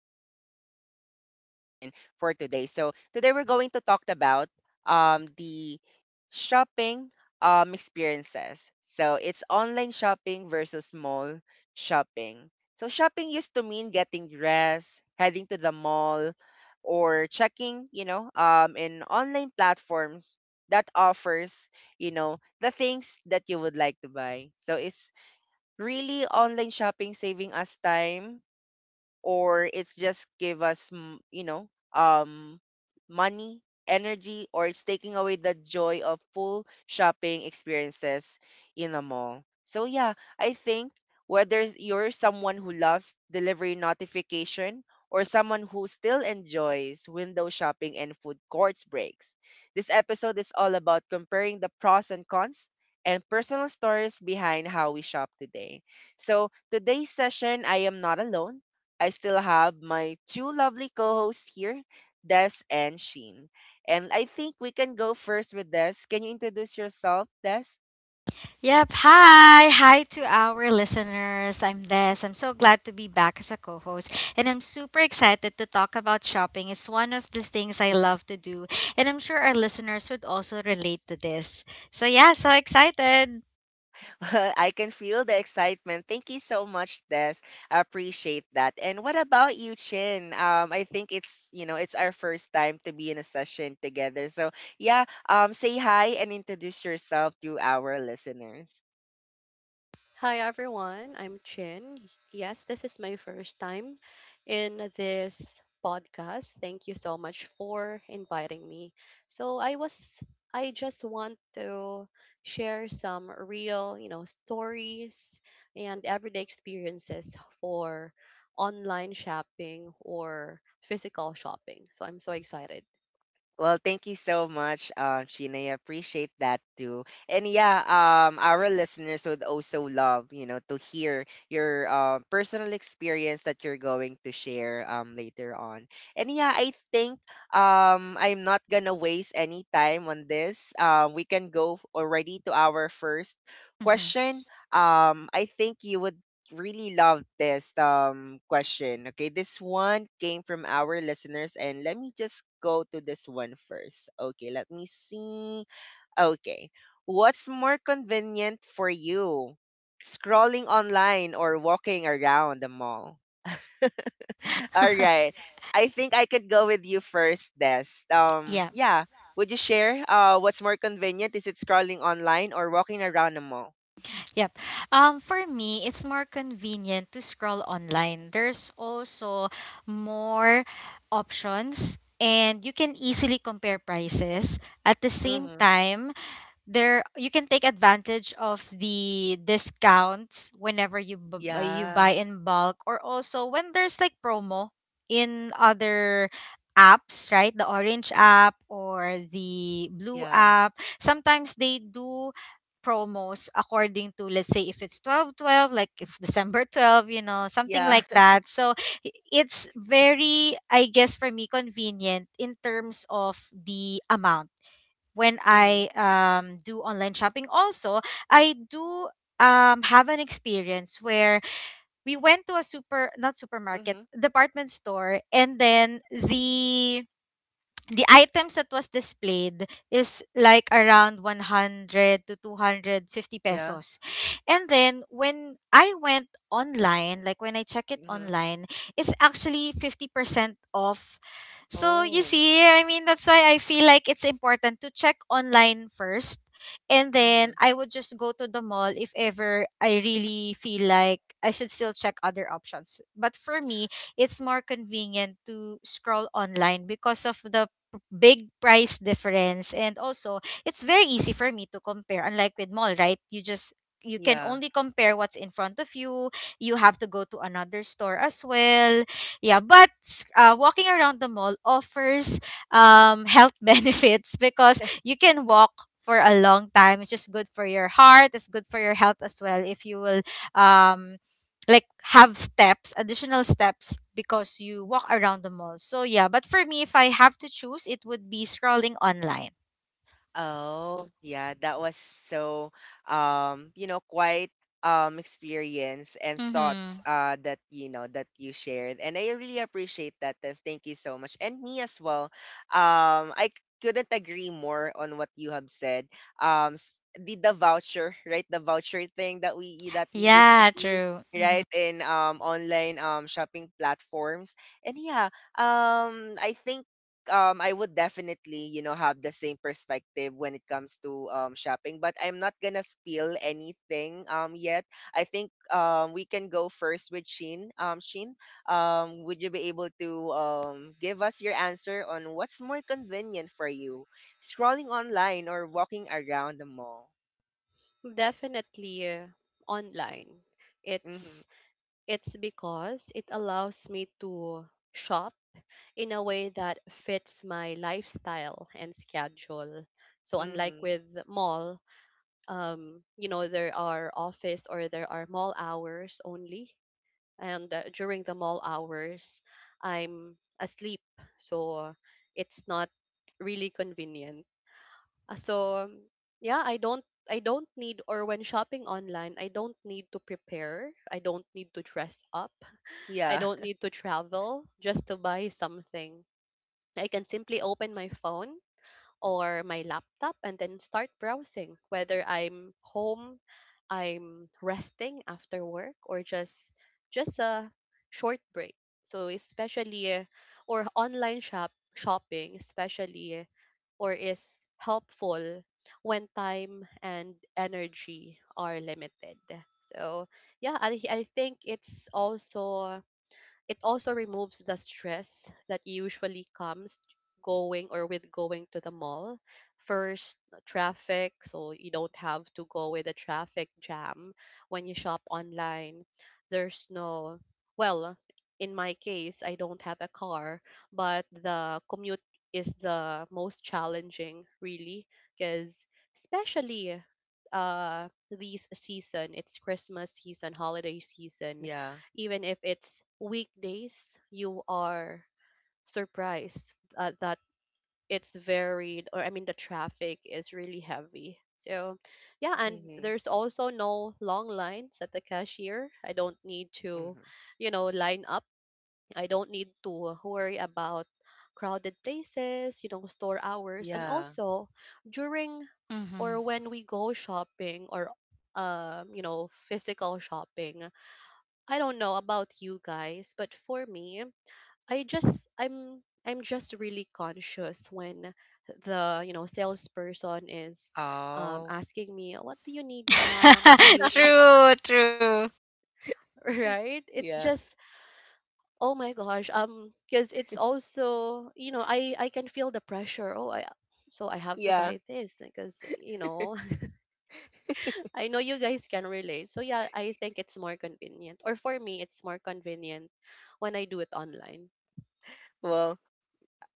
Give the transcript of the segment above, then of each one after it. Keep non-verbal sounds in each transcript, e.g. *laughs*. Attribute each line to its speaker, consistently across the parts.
Speaker 1: to our podcast session for today. So today we're going to talk about the shopping experiences. So it's online shopping versus mall shopping. So shopping used to mean getting dressed, heading to the mall, or checking, in online platforms that offers, the things that you would like to buy. So it's, really, online shopping saving us time, or it's just give us um money, energy, or it's taking away the joy of full shopping experiences in a mall. So yeah, I think whether you're someone who loves delivery notification or someone who still enjoys window shopping and food courts breaks, this episode is all about comparing the pros and cons and personal stories behind how we shop today. So today's session, I am not alone. I still have my two lovely co-hosts here, Des and Sheen. And I think we can go first with Des. Can you introduce yourself, Des?
Speaker 2: Yep. Hi. Hi to our listeners. I'm Des. I'm so glad to be back as a co host. And I'm super excited to talk about shopping. It's one of the things I love to do. And I'm sure our listeners would also relate to this. So, yeah, so excited.
Speaker 1: *laughs* Well, I can feel the excitement. Thank you so much, Des. I appreciate that. And what about you, Chin? I think it's you know it's our first time to be in a session together. So yeah, say hi and introduce yourself to our listeners.
Speaker 3: Hi everyone, I'm Chin. Yes, this is my first time in this podcast. Thank you so much for inviting me. So, I just want to share some real stories and everyday experiences for online shopping or physical shopping. So, I'm so excited.
Speaker 1: Well, thank you so much, Sheena. I appreciate that too. And yeah, our listeners would also love, to hear your personal experience that you're going to share later on. And yeah, I think I'm not gonna waste any time on this. We can go already to our first
Speaker 2: Mhm.
Speaker 1: question. I think you would really love this question. Okay, this one came from our listeners, and let me just go to this one first. Okay, let me see. Okay, what's more convenient for you, scrolling online or walking around the mall? *laughs* All right,
Speaker 2: *laughs*
Speaker 1: I think I could go with you first, Des. Um,
Speaker 2: Yeah,
Speaker 1: yeah. Would you share what's more convenient? Is it scrolling online or walking around the mall?
Speaker 2: yep. For me, it's more convenient to scroll online. There's also more options, and you can easily compare prices. At the same
Speaker 1: Mm-hmm.
Speaker 2: time, there you can take advantage of the discounts whenever you you buy
Speaker 1: Yeah.
Speaker 2: in bulk, or also when there's, like, promo in other apps, right? The orange app or the blue
Speaker 1: Yeah.
Speaker 2: app, sometimes they do promos. According to, let's say, if it's 12 12, like if december 12 something
Speaker 1: Yeah.
Speaker 2: like that. So It's very, I guess, for me, convenient in terms of the amount when
Speaker 1: Mhm.
Speaker 2: I do online shopping. Also, I do have an experience where we went to a super, not supermarket,
Speaker 1: Mhm.
Speaker 2: department store, and then the items that was displayed is like around 100 to 250
Speaker 1: Yeah.
Speaker 2: pesos. And then when I went online, like when I check it
Speaker 1: Mhm.
Speaker 2: online, it's actually 50% off. So you
Speaker 1: Oh.
Speaker 2: see, I mean, that's why I feel like it's important to check online first, and then
Speaker 1: Mhm.
Speaker 2: I would just go to the mall if ever I really feel like I should still check other options. But for me, it's more convenient to scroll online because of the big price difference, and also it's very easy for me to compare, unlike with mall. Right? You just, you can
Speaker 1: Yeah.
Speaker 2: only compare what's in front of you. You have to go to another store as well. Yeah, but walking around the mall offers health *laughs* benefits because you can walk for a long time. It's just good for your heart, it's good for your health as well, if you will, um, like, have steps, additional steps, because you walk around the mall. So yeah, but for me, if I have to choose, it would be scrolling online.
Speaker 1: Oh, yeah, that was so quite experience and thoughts
Speaker 2: Mm-hmm.
Speaker 1: that that you shared. And I really appreciate that, Tess. Thank you so much. And me as well. I couldn't agree more on what you have said. The voucher, *laughs* right? The voucher thing that we used to
Speaker 2: Yeah,
Speaker 1: see,
Speaker 2: true. Mm-hmm.
Speaker 1: right, in online shopping platforms. And yeah, I think, I would definitely, have the same perspective when it comes to shopping, but I'm not gonna spill anything yet. I think we can go first with Sheen. Sheen, would you be able to give us your answer on what's more convenient for you? Scrolling online or walking around the mall?
Speaker 3: Definitely online.
Speaker 1: Mhm.
Speaker 3: It's It's because it allows me to shop in a way that fits my lifestyle and schedule. So unlike
Speaker 1: Mhm.
Speaker 3: with mall, there are office or there are mall hours only. And during the mall hours, I'm asleep. So it's not really convenient. So yeah, I don't need or when shopping online, I don't need to prepare. I don't need to dress up. I
Speaker 1: Yeah.
Speaker 3: don't need
Speaker 1: *laughs*
Speaker 3: to travel just to buy something. I can simply open my phone or my laptop and then start browsing, whether I'm home, I'm resting after work, or just a short break. So especially or online shopping especially or is helpful when time and energy are limited. So yeah, I think it's also it also removes the stress that usually comes going or with going to the mall. First, traffic, so you don't have to go with a traffic jam when you shop online. There's no, well, in my case, I don't have a car, but the commute is the most challenging, really, because especially this season, it's Christmas season, holiday season.
Speaker 1: Yeah.
Speaker 3: Even if it's weekdays, you are surprised that it's varied, or I mean, the traffic is really heavy. So, yeah, and
Speaker 1: Mhm.
Speaker 3: there's also no long lines at the cashier. I don't need to,
Speaker 1: Mhm.
Speaker 3: you know, line up. I don't need to worry about crowded places, store hours. And
Speaker 1: Yeah.
Speaker 3: also, during or
Speaker 2: Mm-hmm.
Speaker 3: when we go shopping or, physical shopping, I don't know about you guys, but for me, I'm just really conscious when the salesperson is
Speaker 1: Oh.
Speaker 3: asking me, "What do you need, ma'am? Do
Speaker 2: *laughs*
Speaker 3: you need?"
Speaker 2: True, true.
Speaker 3: *laughs* Right? It's
Speaker 1: Yeah.
Speaker 3: just oh my gosh, because it's also I can feel the pressure. Oh, I so I have to
Speaker 1: Yeah.
Speaker 3: buy this because you know *laughs* I know you guys can relate. So yeah, I think it's more convenient, or for me, it's more convenient when I do it online.
Speaker 1: Well,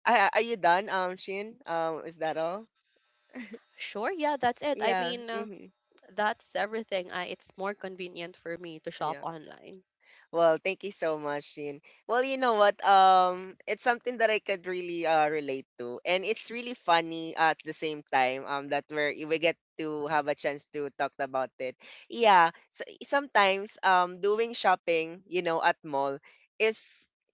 Speaker 1: ah, are you done, Shin? Is that all?
Speaker 3: Sure, yeah, that's it. I
Speaker 1: Yeah.
Speaker 3: mean,
Speaker 1: Mm-hmm.
Speaker 3: that's everything. It's more convenient for me to shop
Speaker 1: Yeah.
Speaker 3: online.
Speaker 1: Well, thank you so much, Shin. Well, you know what? It's something that I could really relate to, and it's really funny at the same time. That we get to have a chance to talk about it. Yeah. So sometimes doing shopping, at mall is,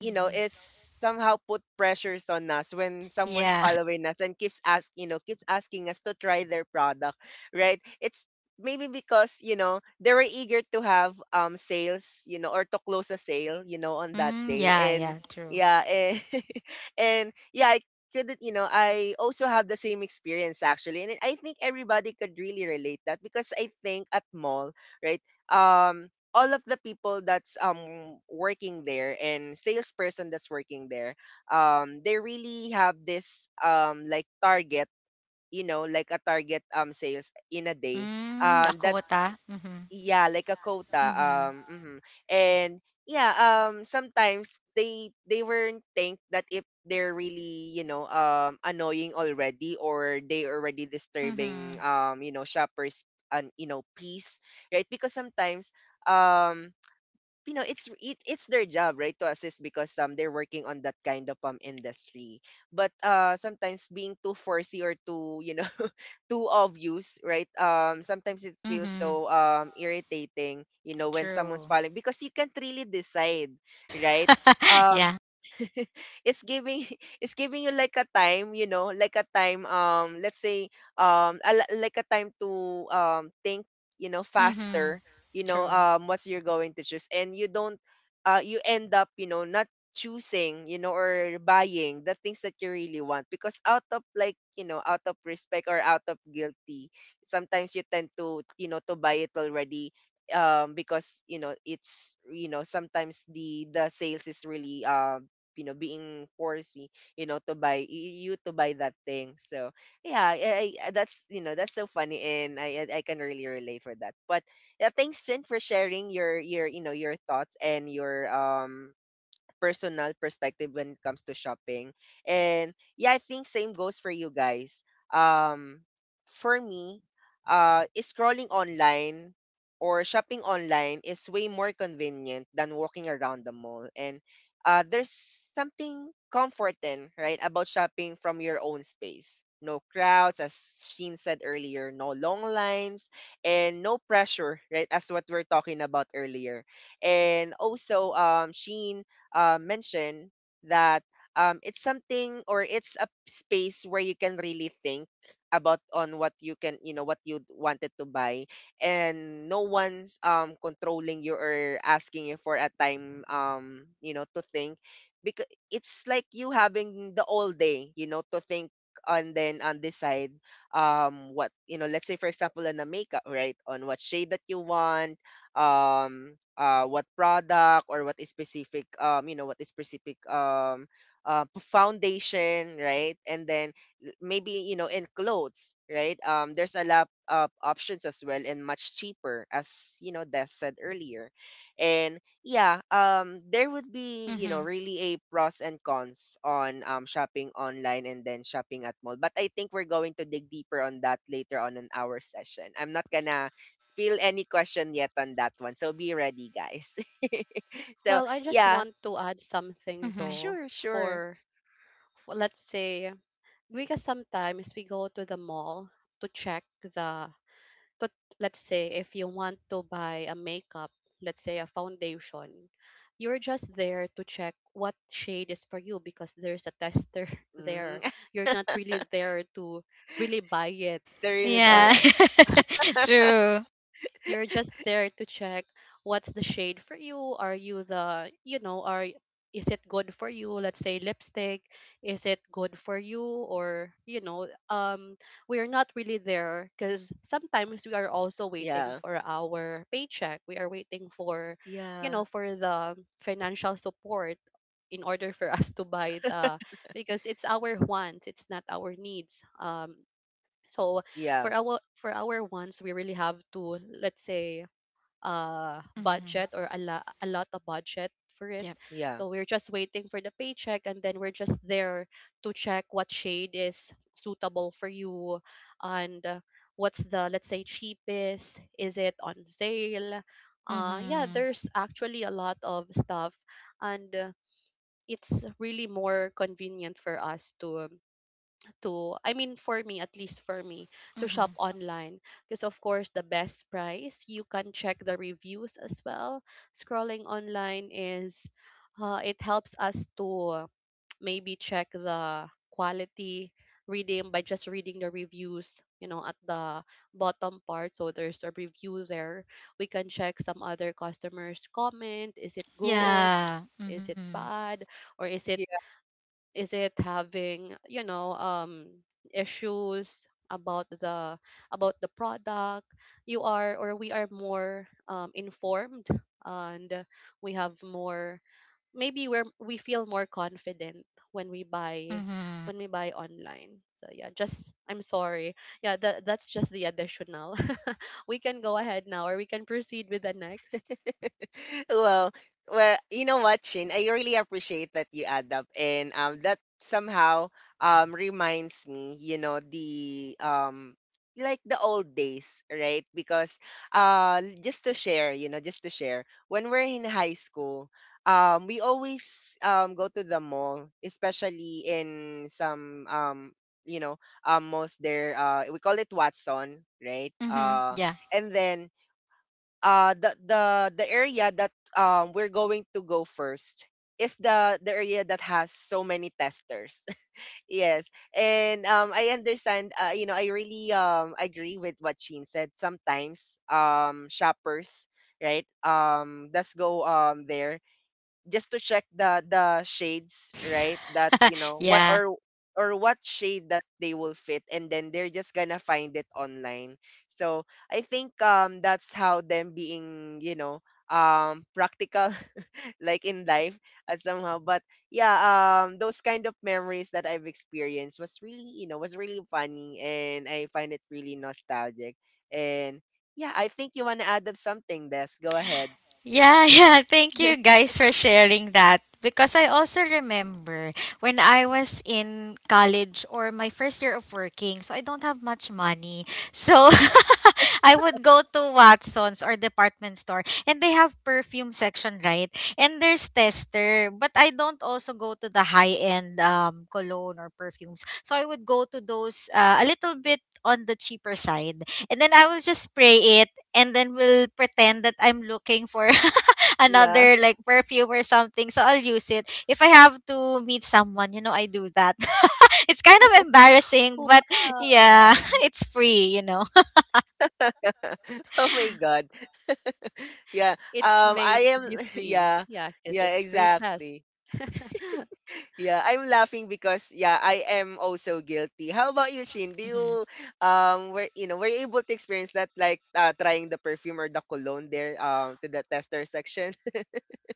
Speaker 1: it's somehow put pressures on us when someone's
Speaker 2: Yeah.
Speaker 1: following us and keeps asking us to try their product, right? It's maybe because they were eager to have sales, or to close a sale, on that
Speaker 2: Mm,
Speaker 1: day.
Speaker 2: yeah,
Speaker 1: And
Speaker 2: yeah, true.
Speaker 1: yeah, and, *laughs* and yeah, I couldn't, I also have the same experience actually. And I think everybody could really relate that because I think at mall, right, um all of the people that's working there and salesperson that's working there, they really have this, like, target, like a target, sales in a day,
Speaker 2: Mm, the
Speaker 1: that,
Speaker 2: quota. Mm-hmm.
Speaker 1: yeah, like a quota,
Speaker 2: Mm-hmm.
Speaker 1: mhm. And yeah, sometimes they weren't think that if they're really, annoying already, or they already
Speaker 2: Mm-hmm.
Speaker 1: disturbing, shoppers and, peace, right? Because sometimes, um it's their job, right, to assist, because they're working on that kind of industry. But sometimes being too foresee or too, *laughs* too obvious, right, sometimes it feels
Speaker 2: Mm-hmm.
Speaker 1: so, irritating, when someone's
Speaker 2: True.
Speaker 1: following, because you can't really decide, right.
Speaker 2: *laughs*
Speaker 1: Um,
Speaker 2: Yeah.
Speaker 1: *laughs* it's giving, *laughs* it's giving you, like, a time, like a time, let's say, like a time to, think,
Speaker 2: Mm-hmm.
Speaker 1: faster,
Speaker 2: True.
Speaker 1: what you're going to choose. And you don't, you end up, not choosing, or buying the things that you really want, because out of like, out of respect or out of guilty, sometimes you tend to, to buy it already, because, it's, sometimes the sales is really, being forcing, to buy you to buy that thing. So yeah, I that's, that's so funny, and I can really relate for that. But yeah, thanks, Jen, for sharing your your thoughts and your, personal perspective when it comes to shopping. And yeah, I think same goes for you guys. Um, for me, is scrolling online or shopping online is way more convenient than walking around the mall. And there's something comforting, right, about shopping from your own space. No crowds, as Sheen said earlier, no long lines, and no pressure, right, as what we're talking about earlier. And also, Sheen mentioned that, it's something, or it's a space where you can really think about on what you can, you know, what you wanted to buy, and no one's, controlling you or asking you for a time, you know, to think, because it's like you having the all day, you know, to think and then and decide, what, you know, let's say for example on a makeup, right, on what shade that you want, what product, or what is specific, you know, what is specific, foundation, right, and then maybe, you know, in clothes, right, there's a lot of options as well, and much cheaper, as you know Des said earlier. And yeah, there would be, you know,
Speaker 2: Mm-hmm.
Speaker 1: really a pros and cons on, shopping online and then shopping at mall. But I think we're going to dig deeper on that later on in our session. I'm not gonna feel any question yet on that one. So be ready, guys. *laughs* So
Speaker 3: Well, I just
Speaker 1: yeah,
Speaker 3: want to add something
Speaker 2: Mm-hmm.
Speaker 3: though
Speaker 1: sure, sure.
Speaker 3: for, let's say, because sometimes we go to the mall to check the to, let's say if you want to buy a makeup, let's say a foundation, you're just there to check what shade is for you because there's a tester *laughs* there.
Speaker 1: Mm-hmm.
Speaker 3: You're not really there to really buy it,
Speaker 1: *laughs* really ba
Speaker 3: but
Speaker 2: Yeah.
Speaker 1: yeah.
Speaker 2: *laughs* True.
Speaker 3: you're just there to check what's the shade for you. Are you the, you know, are Is it good for you? Let's say lipstick. Is it good for you? Or, we are not really there because sometimes we are also waiting
Speaker 1: Yeah.
Speaker 3: for our paycheck. We are waiting for, you
Speaker 1: Yeah.
Speaker 3: know, for the financial support in order for *laughs* us to buy the because it's our wants, it's not our needs. So
Speaker 1: Yeah.
Speaker 3: for our ones, we really have to, let's say,
Speaker 2: Mm-hmm.
Speaker 3: budget, or a lot of budget for it.
Speaker 2: Yep.
Speaker 1: Yeah.
Speaker 3: So we're just waiting for the paycheck, and then we're just there to check what shade is suitable for you, and what's the, let's say, cheapest, is it on sale? Yeah,
Speaker 2: Mm-hmm.
Speaker 3: there's actually a lot of stuff, and it's really more convenient for us to, I mean, for me, at least for me, to
Speaker 2: Mm-hmm.
Speaker 3: shop online, because of course the best price, you can check the reviews as well. Scrolling online is, it helps us to maybe check the quality, reading, by just reading the reviews at the bottom part, so there's a review there. We can check some other customers comment, is it good,
Speaker 2: Yeah.
Speaker 3: is it
Speaker 2: Mm-hmm.
Speaker 3: bad, or is it having issues about the product. You are or we are more informed, and we have more, maybe we feel more confident when we buy
Speaker 2: Mm-hmm.
Speaker 3: when we buy online. So yeah, just, I'm sorry, yeah, that's just the additional. *laughs* We can go ahead now, or we can proceed with the next.
Speaker 1: *laughs* Well, well, you know what, Shin? I really appreciate that you add up, and, that somehow, reminds me, you know, the, like the old days, right? Because, just to share, you know, just to share, when we're in high school, we always, go to the mall, especially in some, you know, malls there, we call it Watson, right?
Speaker 2: Mm-hmm. Yeah.
Speaker 1: And then, the the area that, we're going to go first is the area that has so many testers. *laughs* Yes. And, I understand, you know, I really, agree with what Sheen said. Sometimes, shoppers, right, let's go, there just to check the shades, right? That
Speaker 2: *laughs*
Speaker 1: you know what,
Speaker 2: Yeah.
Speaker 1: or what shade that they will fit, and then they're just gonna find it online. So I think, that's how them being, you know, practical *laughs* like in life, somehow. But yeah, those kind of memories that I've experienced was really, you know, was really funny, and I find it really nostalgic. And yeah, I think you want to add up something, Des, go ahead.
Speaker 2: Yeah, *laughs* yeah. Thank you
Speaker 1: *laughs*
Speaker 2: guys for sharing that. Because I also remember when I was in college or my first year of working, so I don't have much money. So *laughs* I would go to Watson's or department store, and they have perfume section, right? And there's tester, but I don't also go to the high-end cologne or perfumes. So I would go to those, a little bit on the cheaper side. And then I will just spray it, and then will pretend that I'm looking for *laughs*
Speaker 1: yeah.
Speaker 2: another like perfume or something. So I'll use it. If I have to meet someone I do that. *laughs* It's kind of embarrassing, but yeah,
Speaker 3: Wow.
Speaker 2: *laughs* it's free.
Speaker 1: *laughs* Oh my god. Yeah.
Speaker 3: It's
Speaker 1: I
Speaker 3: made to
Speaker 1: am.
Speaker 3: be
Speaker 1: *laughs*
Speaker 3: free.
Speaker 1: Yeah.
Speaker 3: Yeah, because
Speaker 1: Yeah.
Speaker 3: it's free test.
Speaker 1: Exactly.
Speaker 3: *laughs*
Speaker 1: Yeah. I'm laughing because yeah, I am also guilty. How about you, Chin? Do
Speaker 2: *laughs*
Speaker 1: you,
Speaker 2: Hmm.
Speaker 1: were, you know, were you able to experience that, like, trying the perfume or the cologne there, to the tester section? *laughs*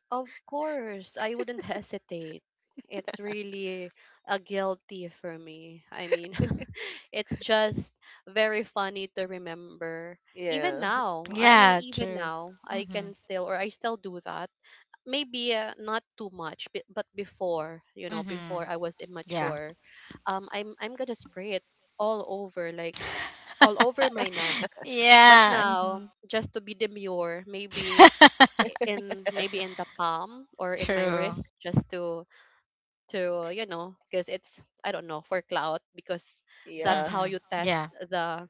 Speaker 3: Of course, I wouldn't *laughs* hesitate. It's really a guilty for me. I mean, *laughs* it's just very funny to remember. Even
Speaker 1: Yeah.
Speaker 3: now, I mean,
Speaker 2: Yeah,
Speaker 3: even
Speaker 2: true.
Speaker 3: now, I
Speaker 2: Mm-hmm.
Speaker 3: can still, or I still do that. Maybe not too much, but, before, you know,
Speaker 2: Mm-hmm.
Speaker 3: before I was
Speaker 2: Yeah.
Speaker 3: immature, I'm gonna spray it all over, like all over my neck.
Speaker 2: *laughs*
Speaker 3: But
Speaker 2: Yeah.
Speaker 3: now,
Speaker 2: Mhm. *laughs*
Speaker 3: just to be demure, maybe I- in maybe in the palm or in my
Speaker 2: True.
Speaker 3: wrist, just to to, because it's, I don't know, for clout, because that's
Speaker 1: Yeah.
Speaker 3: how
Speaker 2: Mm-hmm.
Speaker 3: you test
Speaker 2: Yeah.
Speaker 3: the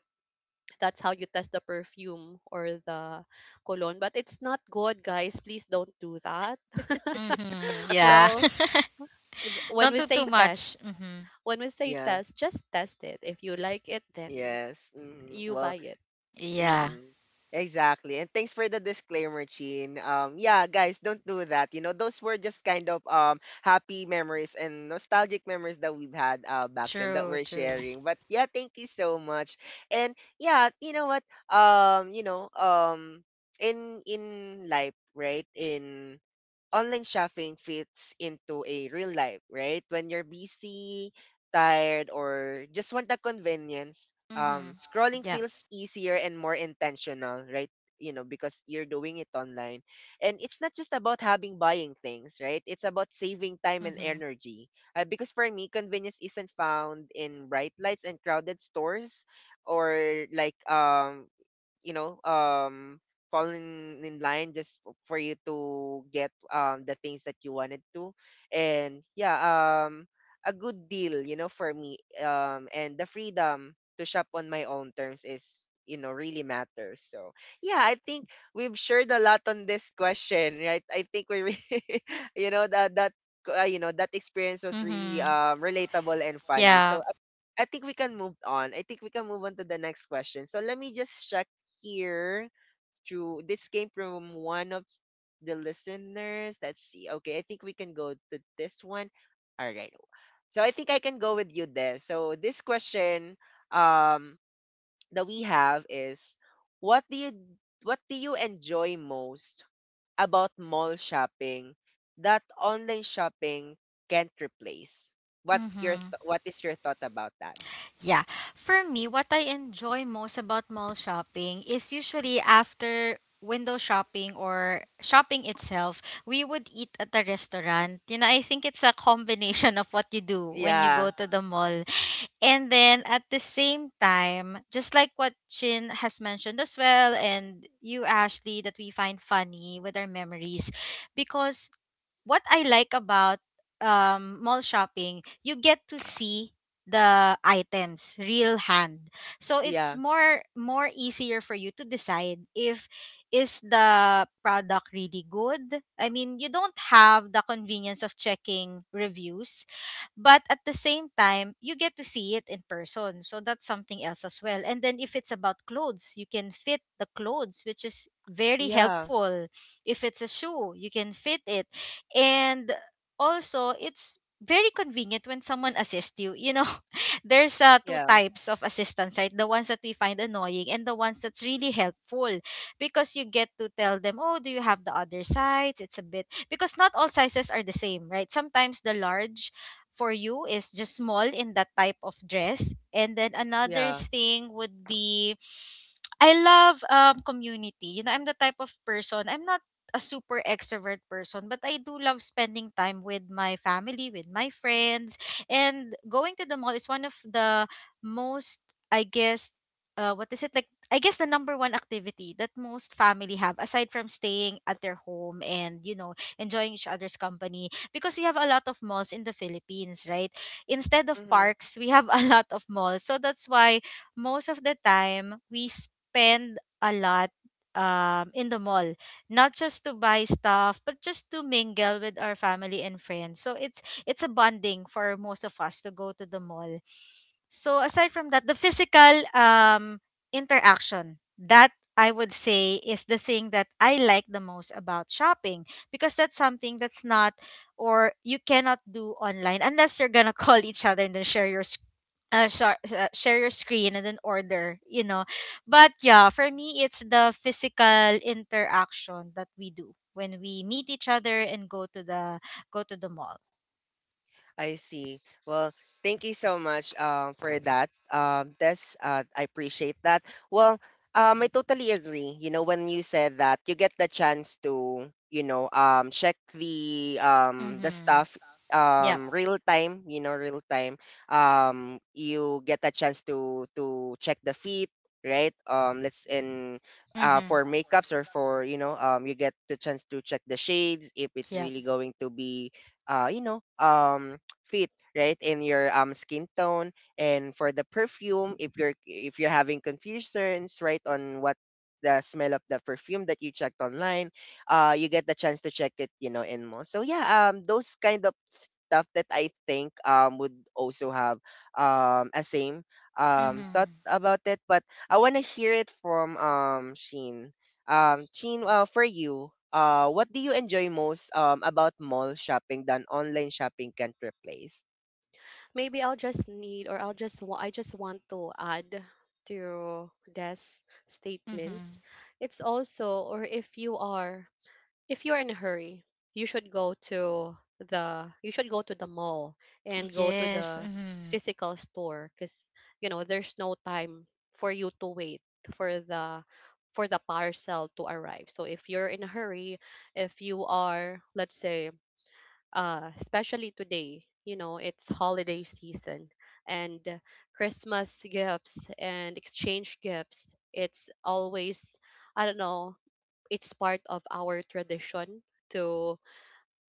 Speaker 3: that's how you test the perfume or the cologne. But it's not good, guys. Please don't do that.
Speaker 2: Mm-hmm.
Speaker 3: *laughs*
Speaker 2: Yeah.
Speaker 3: Well,
Speaker 2: *laughs*
Speaker 3: when
Speaker 2: Don't
Speaker 3: we
Speaker 2: do too
Speaker 3: say
Speaker 2: much.
Speaker 3: test,
Speaker 2: Mm-hmm.
Speaker 3: when we say
Speaker 1: Yeah.
Speaker 3: test, just test it. If you like it, then
Speaker 1: Yes. Hmm.
Speaker 3: you
Speaker 1: Well,
Speaker 3: buy it.
Speaker 2: Yeah.
Speaker 1: mm-hmm. Exactly. And thanks for the disclaimer, Chin. Yeah, guys, don't do that. You know, those were just kind of, happy memories and nostalgic memories that we've had, back then, that
Speaker 2: True,
Speaker 1: we're
Speaker 2: true.
Speaker 1: sharing. But yeah, thank you so much. And yeah, you know what? You know, in life, right? In online shopping fits into a real life, right? When you're busy, tired, or just want the convenience,
Speaker 2: Mm-hmm.
Speaker 1: scrolling
Speaker 2: Yeah.
Speaker 1: feels easier and more intentional, right? You know, because you're doing it online. And it's not just about having buying things, right? It's about saving time and
Speaker 2: Mm-hmm.
Speaker 1: energy. Because for me, convenience isn't found in bright lights and crowded stores or like you know um falling in line just for you to get the things that you wanted to. And yeah, um a good deal, you know, for me. And the freedom to shop on my own terms is, you know, really matters. So yeah, I think we've shared a lot on this question, right? I think *laughs* you know that you know that experience was really
Speaker 2: Mm-hmm.
Speaker 1: relatable and funny.
Speaker 2: Yeah.
Speaker 1: So I think we can move on. I think we can move on to the next question. So let me just check here through this came from one of the listeners. Let's see. Okay, I think we can go to this one. All right. So I think I can go with you there. So this question um that we have is what do you what do you enjoy most about mall shopping that online shopping can't replace?
Speaker 2: Mm-hmm.
Speaker 1: What is your thought about that?
Speaker 2: Yeah. For me, what I enjoy most about mall shopping is usually, after window shopping or shopping itself, we would eat at a restaurant. You know, I think it's a combination of what you do when you
Speaker 1: Yeah,
Speaker 2: go to the mall. And then at the same time, just like what Chin has mentioned as well, and you, Ashley, that we find funny with our memories. Because what I like about mall shopping, you get to see the items real hand. So it's
Speaker 1: yeah,
Speaker 2: more easier for you to decide if is the product really good. I mean, you don't have the convenience of checking reviews, but at the same time, you get to see it in person. So that's something else as well. And then if it's about clothes, you can fit the clothes, which is very
Speaker 1: yeah,
Speaker 2: helpful. If it's a shoe, you can fit it. And also, it's very convenient when someone assists you. You know, *laughs* there's, two
Speaker 1: yeah,
Speaker 2: types of assistance, right? The ones that we find annoying and the ones that's really helpful, because you get to tell them, oh, do you have the other size? It's a bit, because not all sizes are the same, right? Sometimes the large for you is just small in that type of dress. And then another
Speaker 1: yeah.
Speaker 2: thing would be, I love community. You know, I'm the type of person. I'm not a super extrovert person, but I do love spending time with my family, with my friends, and going to the mall is one of the most, I guess, what is it like? I guess the number one activity that most family have, aside from staying at their home and enjoying each other's company, because we have a lot of malls in the Philippines, right? Instead of
Speaker 1: Hmm.
Speaker 2: parks, we have *laughs* a lot of malls. So that's why most of the time we spend a lot in the mall, not just to buy stuff, but just to mingle with our family and friends. So it's a bonding for most of us to go to the mall. So aside from that, the physical interaction, that I would say is the thing that I like the most about shopping, because that's something that's not, or you cannot do online, unless you're gonna *laughs* call each other and then share your share your screen and then order, but yeah, for me, it's the physical interaction that we do when we meet each other and go to the mall.
Speaker 1: I see. Well, thank you so much for that. Tess, I appreciate that. Well, I totally agree. You know, when you said that, you get the chance to, you know, check the
Speaker 2: Mm-hmm.
Speaker 1: stuff
Speaker 2: Yep.
Speaker 1: real time, you know, real time. You get a chance to check the feet, right? Let's in, for
Speaker 2: Mm-hmm.
Speaker 1: makeups or for, you know, you get the chance to check the shades if it's
Speaker 2: Yep.
Speaker 1: really going to be you know fit, right, in your skin tone. And for the perfume, if you're having confusions, right, on what the smell of the perfume that you checked online, you get the chance to check it, you know, in mall. So yeah, those kind of stuff that I think would also have a same
Speaker 2: Mm-hmm.
Speaker 1: thought about it. But I want to hear it from Sheen. Sheen, for you, what do you enjoy most about mall shopping than online shopping can't replace?
Speaker 3: Maybe I'll just need or I'll just wa- I just want to add to Des' statements.
Speaker 2: Mm-hmm.
Speaker 3: It's also or if you are if you're in a hurry, you should go to the you should go to the mall and go to
Speaker 2: Yes.
Speaker 3: the
Speaker 2: Mm-hmm.
Speaker 3: physical store because you know there's no time for you to wait for the for the parcel to arrive. So if you're in a hurry, if you are let's say, especially today. You know, it's holiday season, and Christmas gifts and exchange gifts. It's always, I don't know, it's part of our tradition to,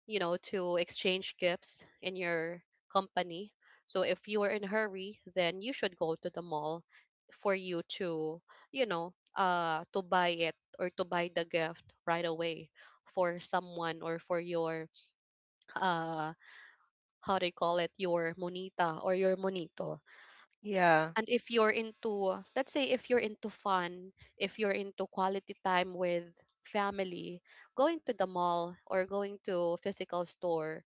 Speaker 3: to exchange gifts in your company. So if you are in a hurry, then you should go to the mall for you to buy it, or to buy the gift right away for someone or for your uh how they call it, your monita or your monito.
Speaker 1: Yeah.
Speaker 3: And if you're into, let's say, if you're into fun, if you're into quality time with family, going to the mall or going to physical store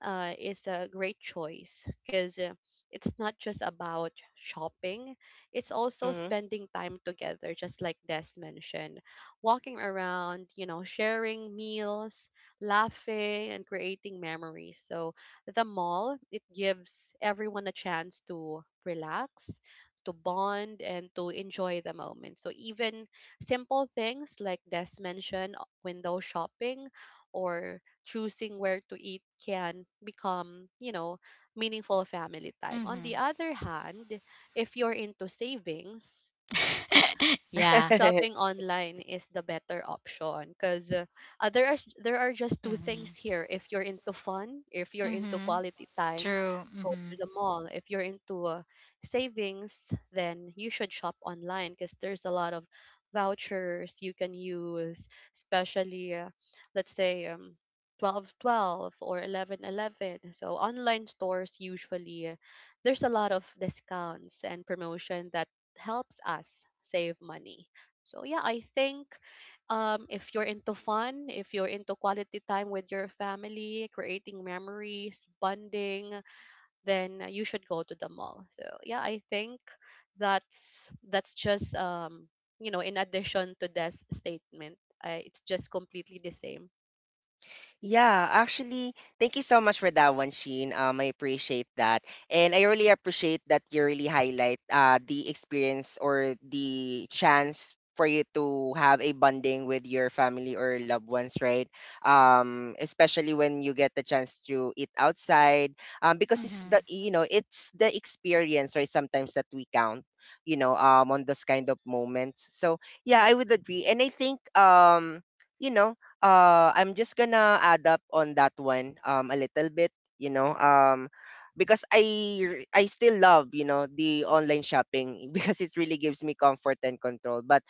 Speaker 3: is a great choice, because it's not just about shopping, it's also
Speaker 1: Mhm.
Speaker 3: spending time together, just like Des mentioned. Walking around, sharing meals, laughing, and creating memories. So the mall, it gives everyone a chance to relax. To bond and to enjoy the moment. So, even simple things, like Des mentioned, window shopping or choosing where to eat, can become meaningful family time. On the
Speaker 2: Mm-hmm.
Speaker 3: other hand, if you're into savings,
Speaker 2: *laughs* Yeah.
Speaker 1: *laughs*
Speaker 3: shopping online is the better option, because there are just two things
Speaker 2: Mm-hmm.
Speaker 3: here: if you're into fun, if you're into
Speaker 2: Mm-hmm.
Speaker 3: quality time,
Speaker 2: True.
Speaker 3: go
Speaker 2: Mm-hmm.
Speaker 3: to the mall; if you're into savings, then you should shop online, because there's a lot of vouchers you can use, especially let's say 12.12 or 11.11. So online stores usually, there's a lot of discounts and promotion that helps us save money. So yeah, I think if you're into fun, if you're into quality time with your family, creating memories, bonding, then you should go to the mall. So yeah, I think that's just, in addition to this statement, it's just completely the same.
Speaker 1: Yeah, actually, thank you so much for that one, Sheen. I appreciate that. And I really appreciate that you really highlight the experience or the chance for you to have a bonding with your family or loved ones, right? Especially when you get the chance to eat outside, because it's the,
Speaker 2: Mm-hmm.
Speaker 1: you know, it's the experience, right? Sometimes that we count, you know, on those kind of moments. So yeah, I would agree, and I think you know, I'm just gonna add up on that one a little bit, you know, because I still love, you know, the online shopping *laughs* because it really gives me comfort and control. But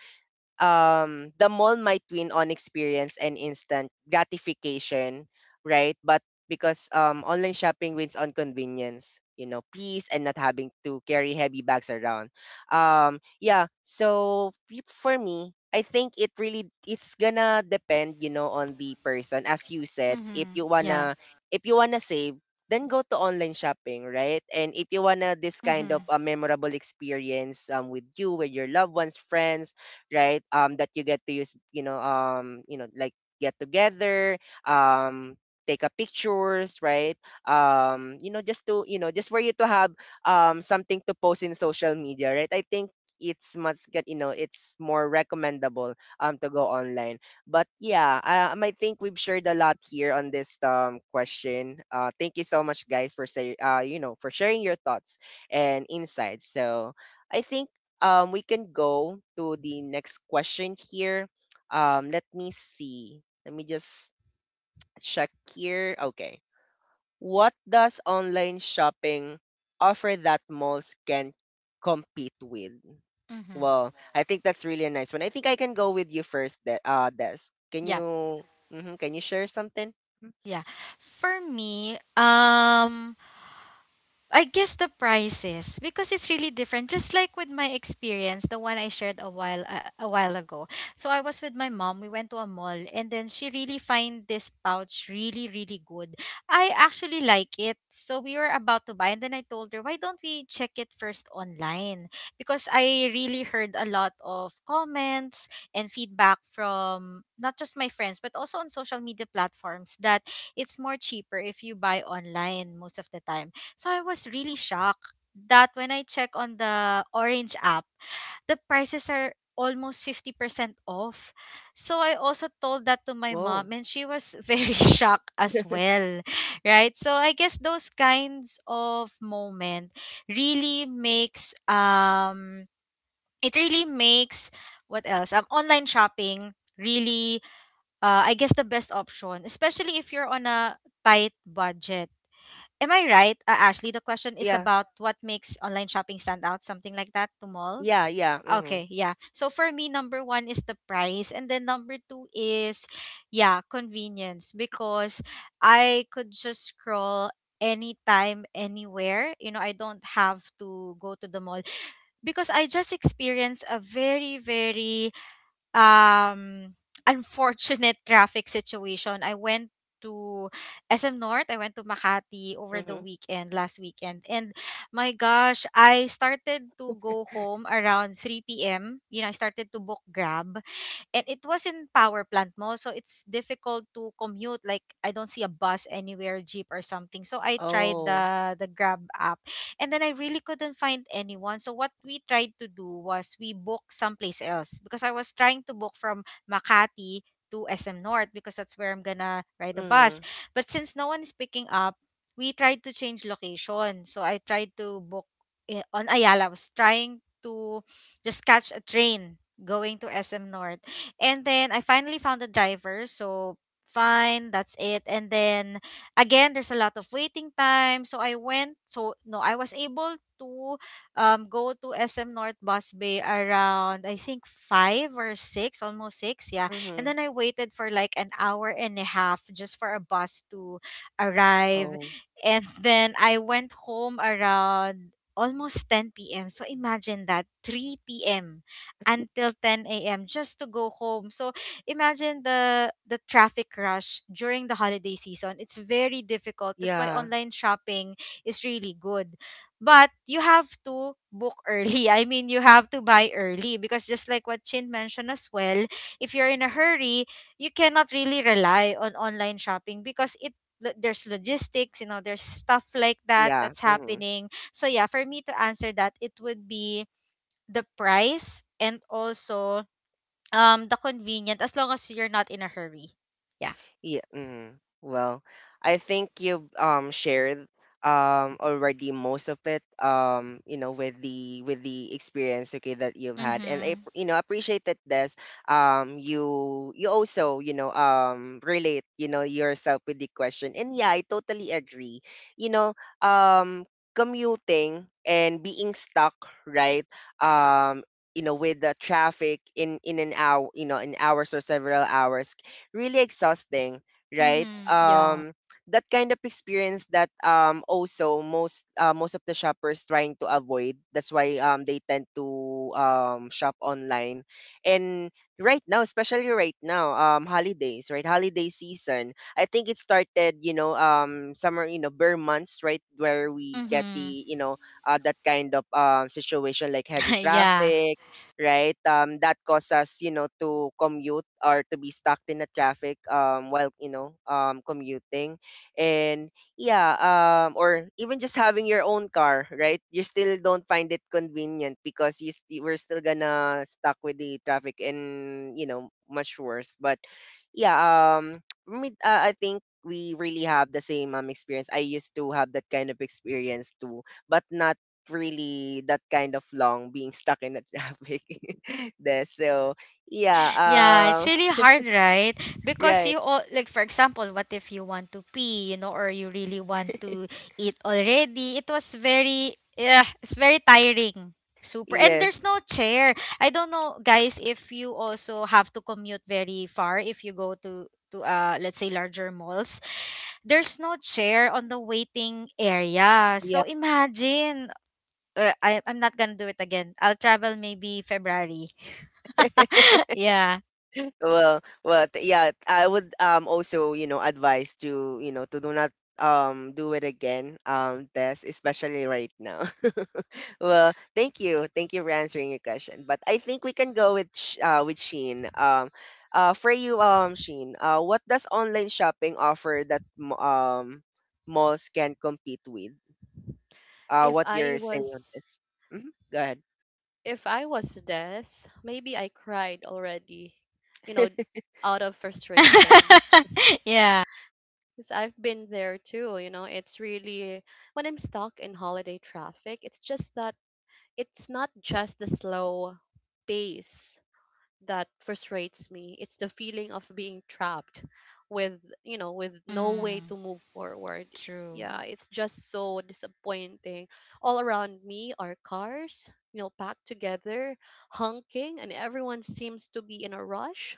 Speaker 1: the mall might win on experience and instant gratification, right? But because online shopping wins on convenience, you know, peace and not having to carry heavy bags around. Yeah, so for me, I think it really, it's gonna depend, you know, on the person. As you said,
Speaker 2: Mm-hmm. Yeah.
Speaker 1: if you wanna save, then go to online shopping, right? And if you wanna this kind
Speaker 2: Mm-hmm.
Speaker 1: of a memorable experience with you, with your loved ones, friends, right? That you get to use, you know, like get together, um, take a pictures, right? You know, just to, you know, just for you to have something to post in social media, right? I think it's much get, you know, it's more recommendable to go online. But yeah, I think we've shared a lot here on this question. Thank you so much, guys, for say, you know, for sharing your thoughts and insights. So I think we can go to the next question here. Let me see. Let me just check here. Okay. What does online shopping offer that malls can compete with?
Speaker 2: Mm-hmm.
Speaker 1: Well, I think that's really a nice one. I think I can go with you first, Des. Can
Speaker 2: Yeah,
Speaker 1: you mhm, can you share something? Mhm.
Speaker 2: yeah. For me, I guess the prices, because it's really different. Just like with my experience, the one I shared a while ago. So I was with my mom. We went to a mall, and then she really find this pouch really really good. I actually like it. So we were about to buy, and then I told her, why don't we check it first online? Because I really heard a lot of comments and feedback from not just my friends, but also on social media platforms, that it's more cheaper if you buy online most of the time. So I was really shocked that when I check on the Orange app, the prices are almost 50% off. So I also told that to my
Speaker 1: Whoa.
Speaker 2: mom, and she was *laughs* very shocked as
Speaker 1: *laughs*
Speaker 2: well, right? So I guess those kinds of moment really makes, it really makes what else? Online shopping really, I guess, the best option, especially if you're on a tight budget. Am I right, Ashley? The question is
Speaker 1: Yeah.
Speaker 2: about what makes online shopping stand out, something like that, to mall.
Speaker 1: Yeah, yeah. Mhm.
Speaker 2: Okay, yeah. So for me, number one is the price, and then number two is, yeah, convenience, because I could just scroll anytime, anywhere. You know, I don't have to go to the mall because I just experience a very, very um unfortunate *laughs* traffic situation. I went to SM North. I went to Makati over the
Speaker 1: Mhm.
Speaker 2: weekend, last weekend. And my gosh, I started to go home around 3 p.m. You know, I started to book Grab, and it was in power plant mo, so it's difficult to commute, like I don't see a bus anywhere, jeep or something. So I tried
Speaker 1: Oh.
Speaker 2: the grab app, and then I really couldn't find anyone. So what we tried to do was we booked someplace else, because I was trying to book from Makati to SM North, because that's where I'm gonna ride the bus.
Speaker 1: Mhm.
Speaker 2: But since no one is picking up, we tried to change location. So I tried to book, on Ayala I was trying to just catch a train going to SM North. And then I finally found a driver, so fine, that's it. And then again, there's a lot of waiting time, so I went. So no, I was able to go to SM North Bus Bay around, I think, five or six, almost six, yeah. And
Speaker 1: Mhm.
Speaker 2: then I waited for like an hour and a half just for a bus to arrive,
Speaker 1: Oh.
Speaker 2: and then I went home around almost 10 p.m. So imagine that 3 p.m. until 10 a.m. just to go home. So imagine the traffic rush during the holiday season. It's very difficult. That's why
Speaker 1: Yeah.
Speaker 2: online shopping is really good. But you have to book early. *laughs* You have to buy early because just like what Chin mentioned as well, if you're in a hurry, you cannot really rely on online shopping because there's logistics, there's stuff like that
Speaker 1: Yeah.
Speaker 2: that's
Speaker 1: Mm-hmm.
Speaker 2: happening. So yeah, for me to answer that, it would be the price and also the convenient as long as you're not in a hurry. Yeah.
Speaker 1: Yeah. Mm, well, I think you've shared already most of it, you know, with the experience, okay, that you've had. And I,
Speaker 2: Mhm.
Speaker 1: you know, appreciate that this you also, you know, relate, you know, yourself with the question. And yeah, I totally agree, you know, um commuting and being stuck, right, um you know, with the traffic in an hour, you know, in hours or several hours, really exhausting, right?
Speaker 2: Mhm. Yeah.
Speaker 1: That kind of experience that also most most of the shoppers trying to avoid. That's why they tend to shop online. And right now, especially right now, holidays, right? Holiday season. I think it started, you know, summer, you know, bare months, right, where we get
Speaker 2: Mhm.
Speaker 1: the, you know, that kind of situation like
Speaker 2: *laughs*
Speaker 1: heavy
Speaker 2: yeah.
Speaker 1: traffic, right? That cause us, you know, to commute or to be stuck in the traffic while, you know, commuting. And yeah, or even just having your own car, right? You still don't find it convenient because we're still gonna stuck with the traffic and, you know, much worse. But yeah, um, *tsk* for me, I think we really have the same experience. I used to have that kind of experience too, but not really that kind of long being stuck in the traffic *laughs* there. So yeah,
Speaker 2: Yeah,
Speaker 1: uh,
Speaker 2: it's really hard, right? Because
Speaker 1: right.
Speaker 2: you all like for example, what if you want to pee, or you really want to eat already? It was very yeah, it's very tiring. Super. And
Speaker 1: Yes.
Speaker 2: there's no chair. I don't know, guys, if you also have to commute very far if you go to let's say larger malls there's no chair on the waiting area.
Speaker 1: Yeah.
Speaker 2: So imagine. I'm not gonna do it again. I'll travel maybe February.
Speaker 1: *laughs*
Speaker 2: *laughs* yeah.
Speaker 1: Well, well, yeah, I would also, you know, advise to, you know, to do not do it again, Tess, especially right now. *laughs* Well, thank you. Thank you for answering your question. But I think we can go with with Sheen. For you, Sheen, what does online shopping offer that malls can compete with? Uh,
Speaker 3: If
Speaker 1: what
Speaker 3: I
Speaker 1: you're saying on
Speaker 3: was
Speaker 1: this? Hmm. Go ahead.
Speaker 3: if I was this, maybe I cried already, you know,
Speaker 1: *laughs*
Speaker 3: out of frustration.
Speaker 2: *laughs* yeah.
Speaker 3: Because I've been there too, it's really, when I'm stuck in holiday traffic, it's just that it's not just the slow pace that frustrates me. It's the feeling of being trapped with no way
Speaker 2: Mm,
Speaker 3: to move forward.
Speaker 2: true.
Speaker 3: Yeah, it's just so disappointing. All around me are cars, you know, packed together, honking, and everyone seems to be in a rush.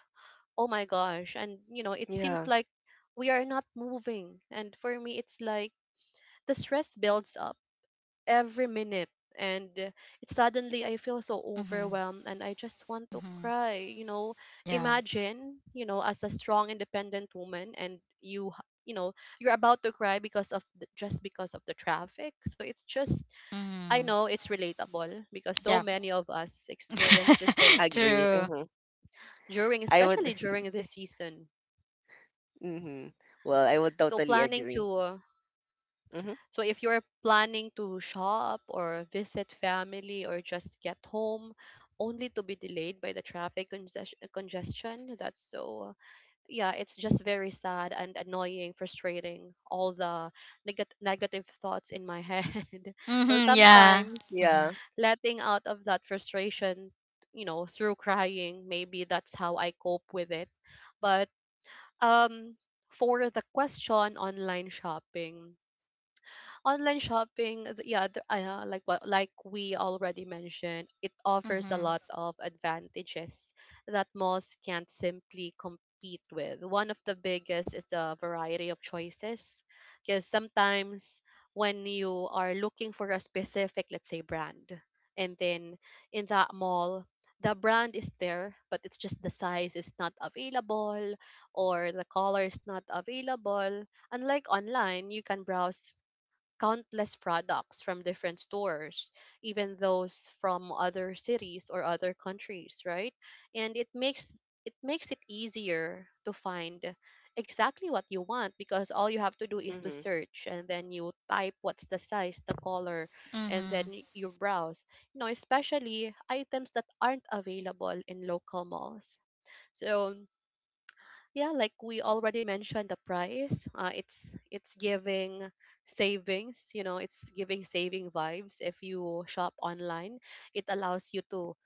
Speaker 3: Oh my gosh, and you know, it seems
Speaker 1: Yeah,
Speaker 3: like we are not moving, and for me it's like the stress builds up every minute, and it suddenly I feel so
Speaker 2: Mm-hmm.
Speaker 3: overwhelmed and I just want to
Speaker 2: Mm-hmm.
Speaker 3: cry, you know.
Speaker 2: Yeah.
Speaker 3: Imagine, you know, as a strong independent woman, and you know, you're about to cry because of just because of the traffic, so it's just. I know
Speaker 2: Mm-hmm.
Speaker 3: it's relatable because so
Speaker 2: Yep.
Speaker 3: many of us experience the same
Speaker 2: *laughs*
Speaker 1: agree.
Speaker 2: true.
Speaker 1: Hmm.
Speaker 3: during,
Speaker 1: I would
Speaker 3: especially during
Speaker 1: *laughs*
Speaker 3: this season.
Speaker 1: Mm-hmm. Well, I would
Speaker 3: So
Speaker 1: totally
Speaker 3: planning to
Speaker 1: agree.
Speaker 3: uh,
Speaker 1: Mm-hmm.
Speaker 3: so if you're planning to shop or visit family or just get home only to be delayed by the traffic congestion, that's so, yeah, it's just very sad and annoying, frustrating, all the negative thoughts in my head. *laughs* So
Speaker 2: Mm-hmm. Yeah.
Speaker 3: sometimes
Speaker 2: Mm-hmm.
Speaker 1: Yeah.
Speaker 3: letting out of that frustration, you know, through crying, maybe that's how I cope with it. But um for the question, online shopping, like what, like we already mentioned, it offers a
Speaker 2: Mm-hmm.
Speaker 3: lot of advantages that malls can't simply compete with. One of the biggest is the variety of choices, because sometimes when you are looking for a specific, let's say, brand, and then in that mall the brand is there, but it's just the size is not available or the color is not available. Unlike online, you can browse countless products from different stores, even those from other cities or other countries, right? And it makes it easier to find exactly what you want, because all you have to do is to
Speaker 1: Mm-hmm.
Speaker 3: search and then you type what's the size, the color, and then
Speaker 2: Mm-hmm.
Speaker 3: you browse. You know, especially items that aren't available in local malls. So yeah, like we already mentioned, the price, it's giving savings, you know, it's giving saving vibes if you shop online. It allows you to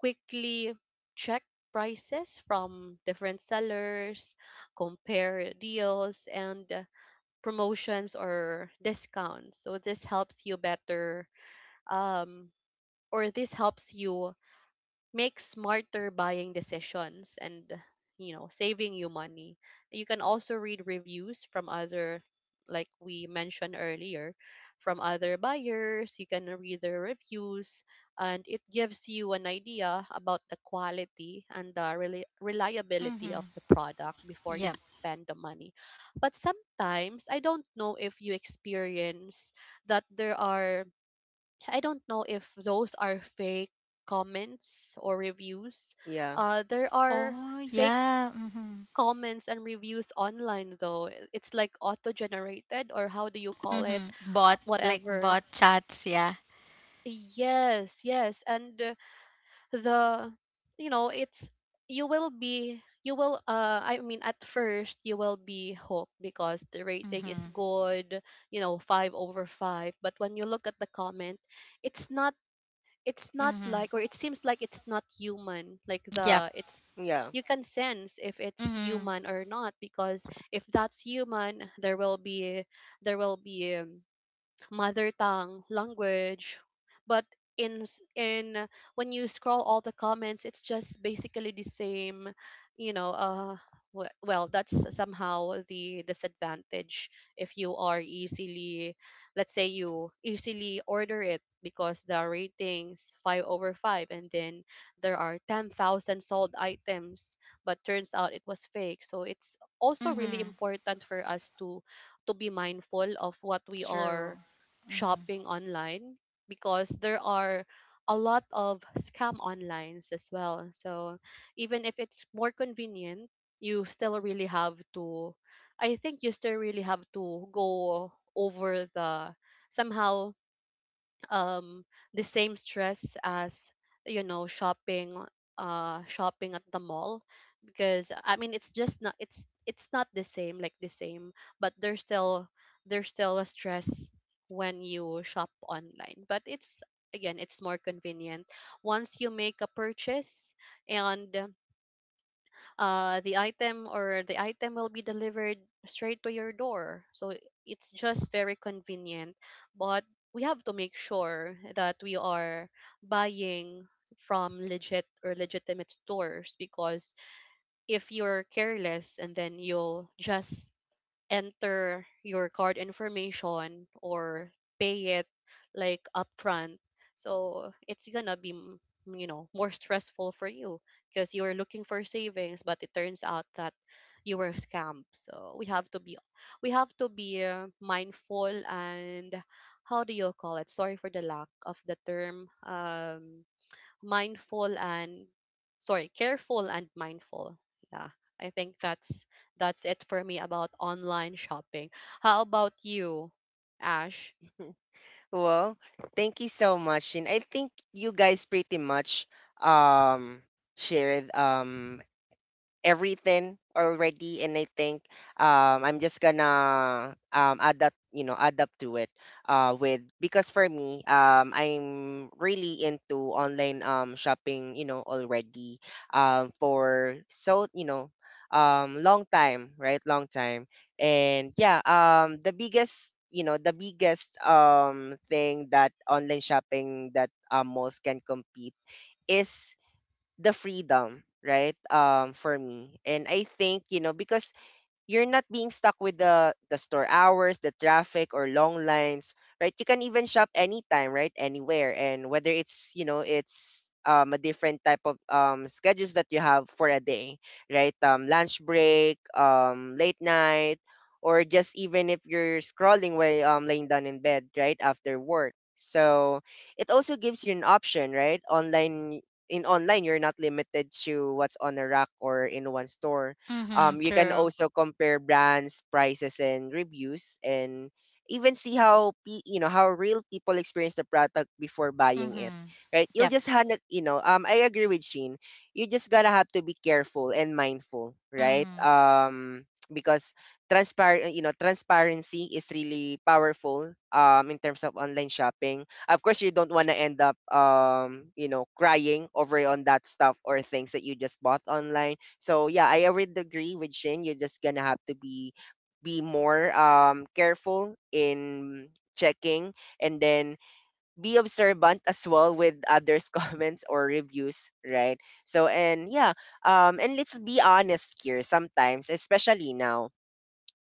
Speaker 3: quickly check prices from different sellers, compare deals, and promotions or discounts. So this helps you better, um or this helps you make smarter buying decisions and, you know, saving you money. You can also read reviews from other, like we mentioned earlier, from other buyers, you can read their reviews, and it gives you an idea about the quality and the reliability of
Speaker 2: Mm-hmm.
Speaker 3: the product before you
Speaker 2: Yep.
Speaker 3: spend the money. But sometimes, I don't know if you experience that there are, I don't know if those are fake comments or reviews.
Speaker 1: Yeah.
Speaker 3: There are
Speaker 2: Oh
Speaker 3: fake
Speaker 2: yeah. Mm-hmm.
Speaker 3: comments and reviews online though. It's like auto-generated, or how do you call it?
Speaker 2: Mm-hmm. Bot like
Speaker 3: Whatever.
Speaker 2: bot chats. Yeah.
Speaker 3: Yes, yes, and the you know, it's, you will be you will I mean, at first you will be hooked because the rating is
Speaker 2: Mm-hmm.
Speaker 3: good, you know, 5 over 5, but when you look at the comment, it's not it's not
Speaker 2: Mm-hmm.
Speaker 3: like, or it seems like it's not human, like
Speaker 2: Yep.
Speaker 3: the it's,
Speaker 1: Yeah.
Speaker 3: you can sense if it's
Speaker 2: Mhm.
Speaker 3: human or not, because if that's human, there will be mother tongue language. But in s- in when you scroll all the comments, it's just basically the same, you know. Well, that's somehow the disadvantage, if you are easily, let's say you easily order it because the ratings 5 over 5, and then there are 10,000 sold items, but turns out it was fake. So it's also really
Speaker 2: Mhm.
Speaker 3: important for us to be mindful of what we
Speaker 2: It's true.
Speaker 3: are
Speaker 2: Mhm.
Speaker 3: shopping online, because there are a lot of scam onlines as well. So even if it's more convenient, you still really have to, I think you still really have to go over the, somehow, um the same stress as, you know, shopping, shopping at the mall. Because I mean, it's just not, it's not the same, like the same, but there's still, there's still a stress when you shop online. But it's, again, it's more convenient. Once you make a purchase, and the item, or the item will be delivered straight to your door, so it's just very convenient. But we have to make sure that we are buying from legit, or legitimate stores, because if you're careless, and then you'll just enter your card information or pay it like upfront. So it's gonna be, you know, more stressful for you, because you're looking for savings, but it turns out that you were scammed. So we have to be mindful, and how do you call it? Sorry for the lack of the term. Mindful and, sorry, careful and mindful. Yeah. I think that's it for me about online shopping. How about you, Ash?
Speaker 1: Well, thank you so much. And I think you guys pretty much um shared everything already. And I think I'm just gonna adapt, you know, adapt to it, with, because for me, I'm really into online shopping, you know, already, for so, you know, long time, right, long time. And yeah, the biggest, you know, the biggest thing that online shopping that, malls can compete is the freedom, right? For me. And I think, you know, because you're not being stuck with the store hours, the traffic or long lines, right? You can even shop anytime, right? Anywhere. And whether it's, you know, it's a different type of schedules that you have for a day, right? Lunch break, late night, or just even if you're scrolling while laying down in bed, right? After work. So it also gives you an option, right? Online, in online you're not limited to what's on a rack or in one store.
Speaker 2: Mhm.
Speaker 1: You can
Speaker 2: True.
Speaker 1: also compare brands, prices, and reviews, and even see how you know how real people experience the product before buying it.
Speaker 2: Mhm.
Speaker 1: Right? You'll
Speaker 2: Yep.
Speaker 1: just have, you know. I agree with Sheen. You just gotta have to be careful and mindful, right?
Speaker 2: Mhm.
Speaker 1: Because transparent, you know, transparency is really powerful. In terms of online shopping, of course you don't want to end up you know crying over on that stuff or things that you just bought online. So yeah, I would agree with Shin. You're just gonna have to be be more careful in checking, and then be observant as well with others *laughs* comments or reviews, right? So and let's be honest here, sometimes, especially now,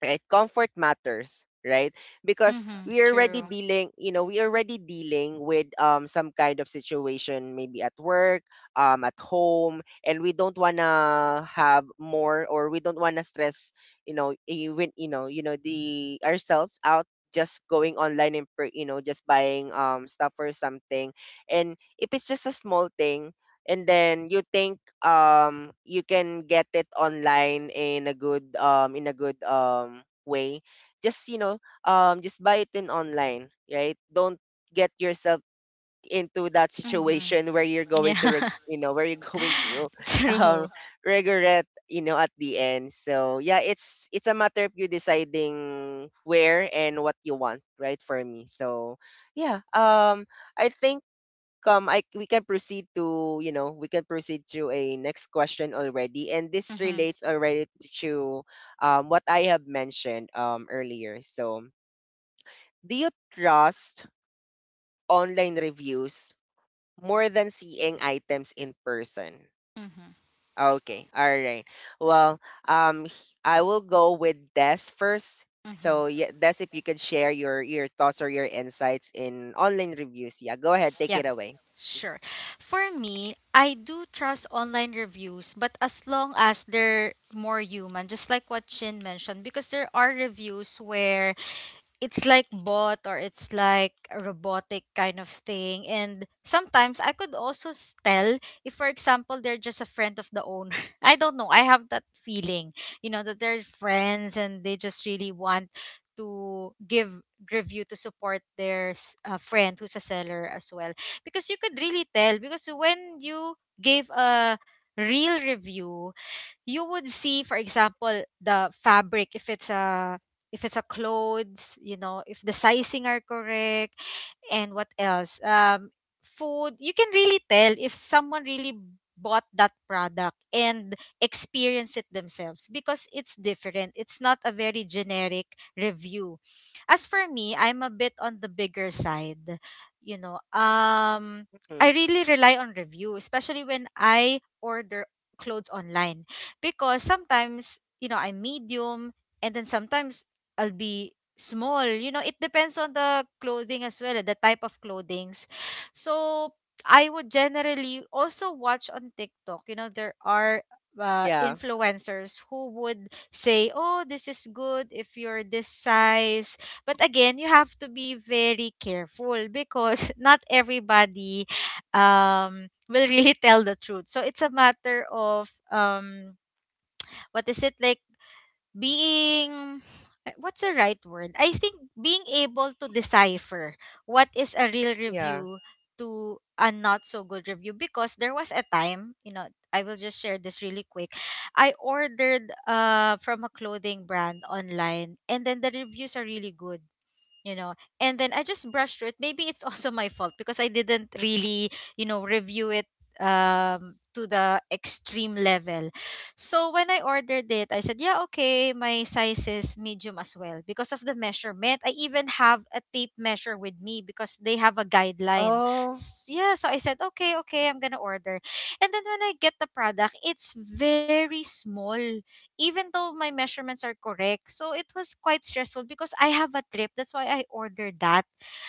Speaker 1: right? Comfort matters, right? Because
Speaker 2: Mhm.
Speaker 1: we are already
Speaker 2: True.
Speaker 1: dealing you know we are already dealing with some kind of situation, maybe at work, at home, and we don't want to have more, or we don't want to stress you know even you know the ourselves out just going online and per, you know just buying stuff or something. And if it's just a small thing, and then you think you can get it online in a good in a good way, just just buy it in online, right? Don't get yourself into that
Speaker 2: Mhm.
Speaker 1: situation, *laughs* where you're going to
Speaker 2: Yeah.
Speaker 1: where you're *laughs* going to
Speaker 2: *laughs*
Speaker 1: um
Speaker 2: True.
Speaker 1: regret, at the end. So yeah, it's a matter of you deciding where and what you want, right? For me, so yeah, i think I we can proceed to you know we can proceed to a next question already, and this
Speaker 2: Mhm.
Speaker 1: relates already to what I have mentioned earlier. So do you trust online reviews more than seeing items in person?
Speaker 2: Mhm.
Speaker 1: Okay, all right, well, I will go with Des first.
Speaker 2: Mhm.
Speaker 1: So yeah, Des, if you can share your thoughts or your insights in online reviews, yeah, go ahead, take
Speaker 2: Yep.
Speaker 1: it away.
Speaker 2: Sure. For me, I do trust online reviews, but as long as they're more human, just like what Shin mentioned, because there are reviews where it's like bot or it's like a robotic kind of thing, and sometimes I could also tell if for example they're just a friend of the owner. *laughs* I don't know, I have that feeling, you know, that they're friends and they just really want to give review to support their friend who's a seller as well. Because you could really tell, because when you gave a real review, you would see, for example, the fabric, if it's a clothes, you know, if the sizing are correct. And what else? Food, you can really tell if someone really bought that product and experienced it themselves, because it's different. It's not a very generic review. As for me, I'm a bit on the bigger side. You know, I
Speaker 1: Mhm.
Speaker 2: really rely on review, especially when I order clothes online, because sometimes, you know, I'm medium, and then sometimes I'll be small. You know, it depends on the clothing as well, the type of clothings. So I would generally also watch on TikTok, you know, there are
Speaker 1: Yeah.
Speaker 2: influencers who would say, oh, this is good if you're this size. But again, you have to be very careful because *laughs* not everybody will really *laughs* tell the truth. So it's a matter of what is it like being what's the right word? I think being able to decipher what is a real
Speaker 1: Yeah.
Speaker 2: review to a not so good review. Because there was a time, you know, I will just share this really quick. I ordered from a clothing brand online, and then the reviews are really good, you know, and then I just brushed through it. Maybe it's *laughs* also my fault, because I didn't really, you know, review it to the extreme level. So when I ordered it, I said, yeah, okay, my size is medium as well, because of the measurement. I even have a tape measure with me because they have a guideline.
Speaker 1: Oh.
Speaker 2: Yeah, so I said, okay, okay, I'm gonna order. And then when I get the product, it's very small, even though my measurements are correct. So it was quite stressful because I have a trip. That's why I ordered that.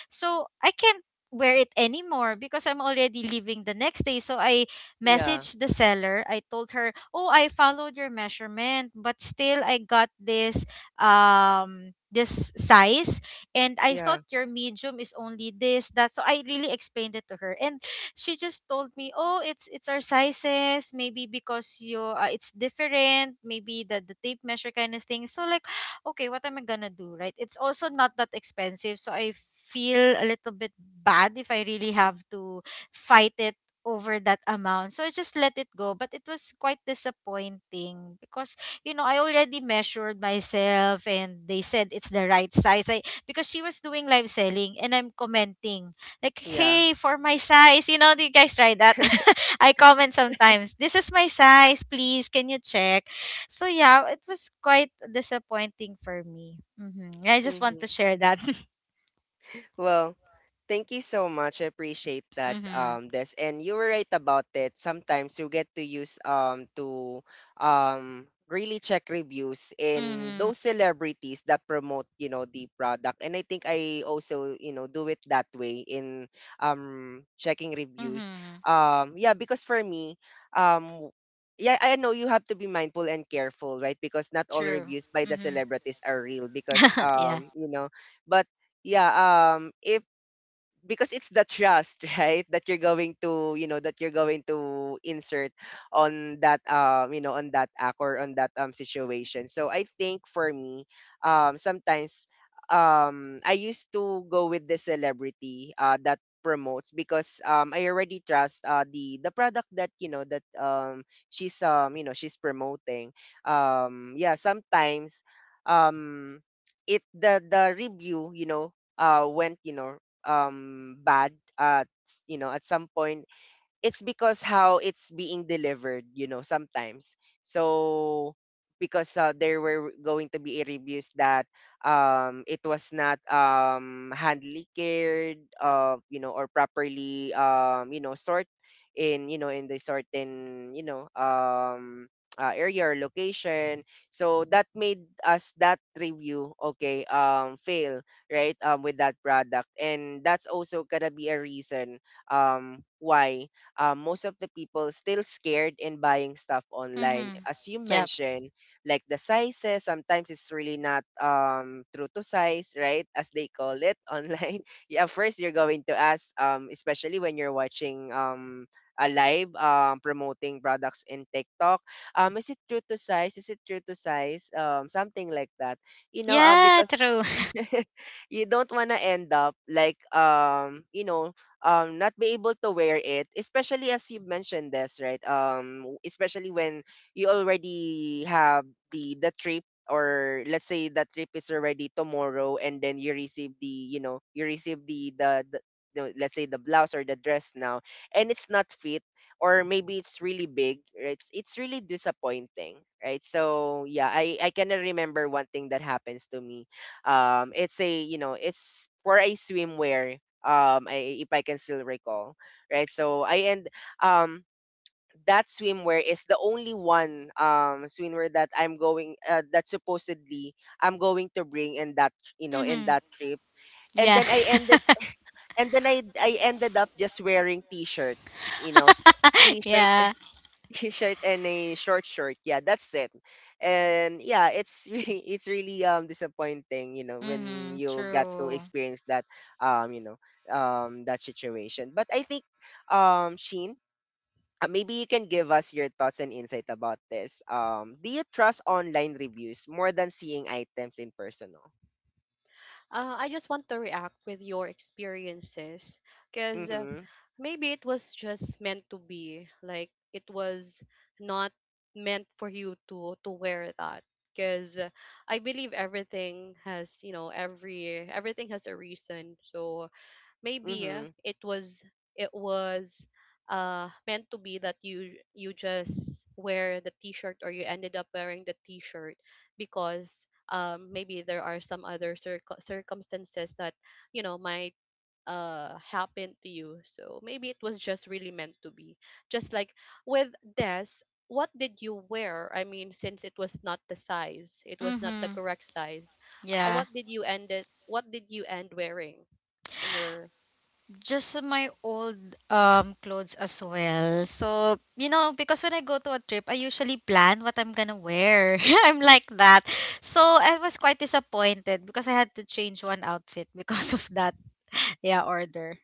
Speaker 2: So I can't wear it anymore because I'm already leaving the next day. So I
Speaker 1: Yeah,
Speaker 2: messaged the seller. I told her, "Oh, I followed your measurement, but still I got this this size, and I
Speaker 1: yeah,
Speaker 2: thought your medium is only this that." So I really explained it to her. And she just told me, "Oh, it's our sizes. Maybe because you it's different. Maybe the tape measure kind of thing." So like, *sighs* okay, what am I gonna do, right? It's also not that expensive, so I feel a little bit bad if I really have to fight it over that amount. So I just let it go, but it was quite disappointing because, you know, I already measured myself and they said it's the right size. I because she was doing live selling, and I'm commenting like,
Speaker 1: yeah.
Speaker 2: hey, for my size, you know, do you guys try that? *laughs* I comment sometimes, this is my size, please, can you check? So yeah, it was quite disappointing for me. Hmm. I just want
Speaker 1: Hmm.
Speaker 2: to share that. *laughs*
Speaker 1: Well, thank you so much. I appreciate that,
Speaker 2: Mm-hmm.
Speaker 1: this, and you were right about it. Sometimes you get to use to really check reviews in
Speaker 2: Mm-hmm.
Speaker 1: those celebrities that promote, you know, the product. And I think I also, you know, do it that way in checking reviews.
Speaker 2: Mm-hmm.
Speaker 1: Yeah, because for me, um yeah, I know you have to be mindful and careful, right? Because not all
Speaker 2: True.
Speaker 1: reviews by the
Speaker 2: Mm-hmm.
Speaker 1: celebrities are real, because
Speaker 2: *laughs* yeah.
Speaker 1: you know, but yeah, if, because it's the trust, *laughs* right, that you're going to insert on that, you know, on that act or on that situation. So I think for me, sometimes, I used to go with the celebrity that promotes, because I already trust the product that, you know, that she's, you know, she's promoting. Yeah, sometimes, um it, the review, you know, went, you know, bad at, you know, at some point. It's because how it's being delivered, you know, sometimes. So because there were going to be reviews that, it was not, handily cared, you know, or properly, you know, sort in, you know, in the certain, you know, area or location. So that made us that review, okay, fail, right, with that product. And that's also gonna be a reason why most of the people still scared in buying stuff online.
Speaker 2: Mm-hmm.
Speaker 1: As you
Speaker 2: Yep.
Speaker 1: mentioned, like the sizes, sometimes it's really not, true to size, right? As they call it *laughs* online. Yeah, first you're going to ask, especially when you're watching, a live, promoting products in TikTok. Is it true to size? Is it true to size? Something like that. You know,
Speaker 2: Yeah,
Speaker 1: because
Speaker 2: true. *laughs*
Speaker 1: *laughs* you don't want to end up like, you know, not be able to wear it, especially as you mentioned this, right? Especially when you already have the trip, or let's say the trip is already tomorrow, and then you receive the, you know, you receive the, let's say the blouse or the dress now, and it's not fit, or maybe it's really big, right? It's really disappointing, right? So yeah, I cannot remember one thing that happens to me. It's a, you know, it's for a swimwear, if I can still recall, right? So I end um, that swimwear is the only one, swimwear that I'm going, that supposedly I'm going to bring in that, you know, in
Speaker 2: Mm-hmm.
Speaker 1: that trip. And
Speaker 2: Yeah.
Speaker 1: then I ended
Speaker 2: *laughs*
Speaker 1: and then I ended up just wearing t-shirt, you know, t-shirt
Speaker 2: yeah.
Speaker 1: t-shirt and a short short. Yeah, that's it. And yeah, it's *laughs* really, it's really, disappointing, you know, when
Speaker 2: Mm-hmm.
Speaker 1: you got to
Speaker 2: True.
Speaker 1: experience that, you know, that situation. But I think, Sheen, maybe you can give us your thoughts and insight about this. Do you trust online reviews more than seeing items in personal?
Speaker 3: I just want to react with your experiences, because
Speaker 1: Mhm.
Speaker 3: maybe it was just meant to be. Like, it was not meant for you to wear that, because I believe everything has, you know, everything has a reason. So maybe
Speaker 1: Mhm.
Speaker 3: it was meant to be that you just wear the t-shirt, or you ended up wearing the t-shirt, because maybe there are some other circumstances that, you know, might happen to you. So maybe it was just really meant to be. Just like with this, what did you wear? I mean, since it was not the size, it was not the
Speaker 2: Mm-hmm.
Speaker 3: correct size,
Speaker 2: Yeah.
Speaker 3: what did you end wearing in your.
Speaker 2: Just my old clothes as well. So, you know, because when I go to a trip, I usually plan what I'm gonna wear. *laughs* I'm like that. So I was quite disappointed because I had to change one outfit because of that *laughs* yeah order.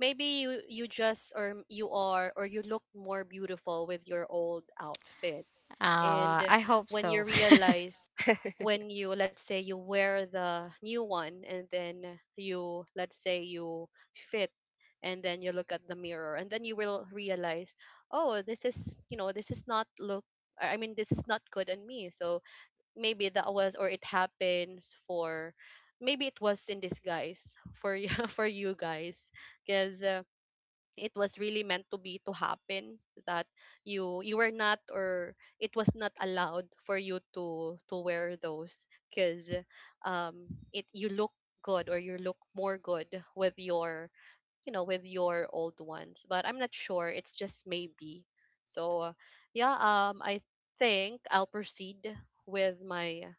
Speaker 3: Maybe you you just or you are or you look more beautiful with your old outfit. And
Speaker 2: Uh, I hope
Speaker 3: when you
Speaker 2: so. *laughs*
Speaker 3: realize, when
Speaker 1: *laughs*
Speaker 3: you, let's say you wear the new one, and then you, let's say you fit, and then you look at the mirror, and then you will realize, oh, this is, you know, this is not look, I mean, this is not good on me. So maybe that was, or it happens for, maybe it was in disguise for you *laughs* for you guys, because it was really meant to be to happen, that you were not, or it was not allowed for you to wear those, because um it you look good, or you look more good with your, you know, with your old ones. But I'm not sure, it's just maybe. So yeah I think I'll proceed with my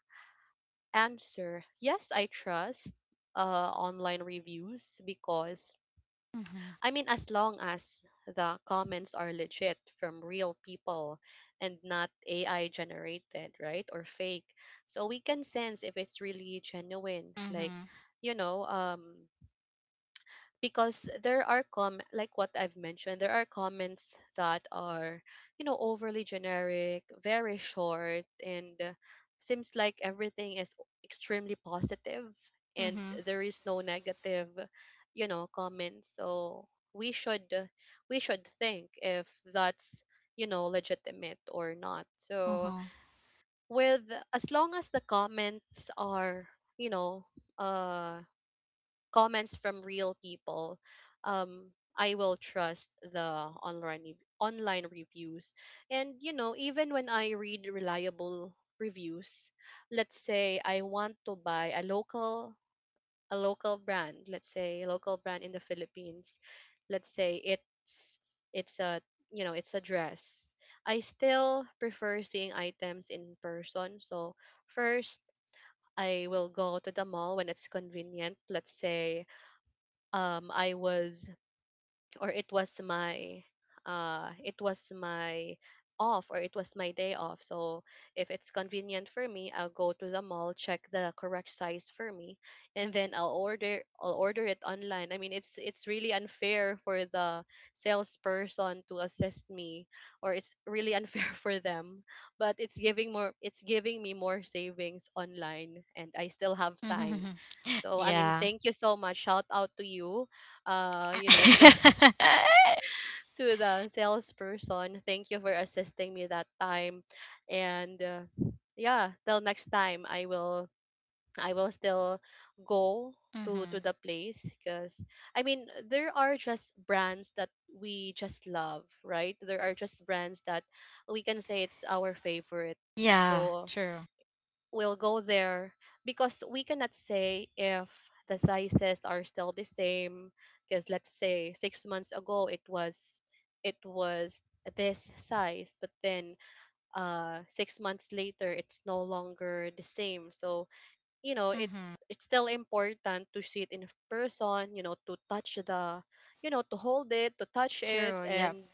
Speaker 3: answer. Yes, I trust online reviews, because
Speaker 2: Mm-hmm.
Speaker 3: I mean, as long as the comments are legit from real people and not AI generated, right? Or fake. So we can sense if it's really genuine. Like,
Speaker 2: Mm-hmm.
Speaker 3: you know, because there are com, like what I've mentioned, there are comments that are, you know, overly generic, very short, and seems like everything is extremely positive, and
Speaker 2: Mm-hmm.
Speaker 3: there is no negative, you know, comments. So we should uh, we should think if that's, you know, legitimate or not. So
Speaker 2: Mm-hmm.
Speaker 3: with as long as the comments are, you know, uh comments from real people, um, I will trust the online reviews. And you know, even when I read reliable reviews, let's say I want to buy a local, a local brand, let's say a local brand in the Philippines, let's say it's a, you know, it's a dress. I still prefer seeing items in person. So first, I will go to the mall when it's convenient. Let's say I was or it was my off, or it was my day off. So if it's convenient for me, I'll go to the mall, check the correct size for me, and then I'll order, I'll order it online. I mean, it's really unfair for the salesperson to assist me, or it's really unfair *laughs* for them, but it's giving more, it's giving me more savings online, and I still have time.
Speaker 2: Mm-hmm.
Speaker 3: So I mean,
Speaker 2: Yeah.
Speaker 3: thank you so much, shout out to you, you know, *laughs* for
Speaker 2: *laughs*
Speaker 3: to the salesperson. Thank you for assisting me that time. And yeah, till next time, I will, I will still go to
Speaker 2: mm-hmm.
Speaker 3: the place, because I mean, there are just brands that we just love, right? There are just brands that we can say it's our favorite.
Speaker 2: Yeah,
Speaker 3: So
Speaker 2: true.
Speaker 3: we'll go there, because we cannot say if the sizes are still the same, because let's say 6 months ago, it was this size, but then 6 months later, it's no longer the same. So you know,
Speaker 2: Mm-hmm.
Speaker 3: it's still important to see it in person, you know, to touch the, you know, to hold it, to touch it,
Speaker 2: True, yep.
Speaker 3: and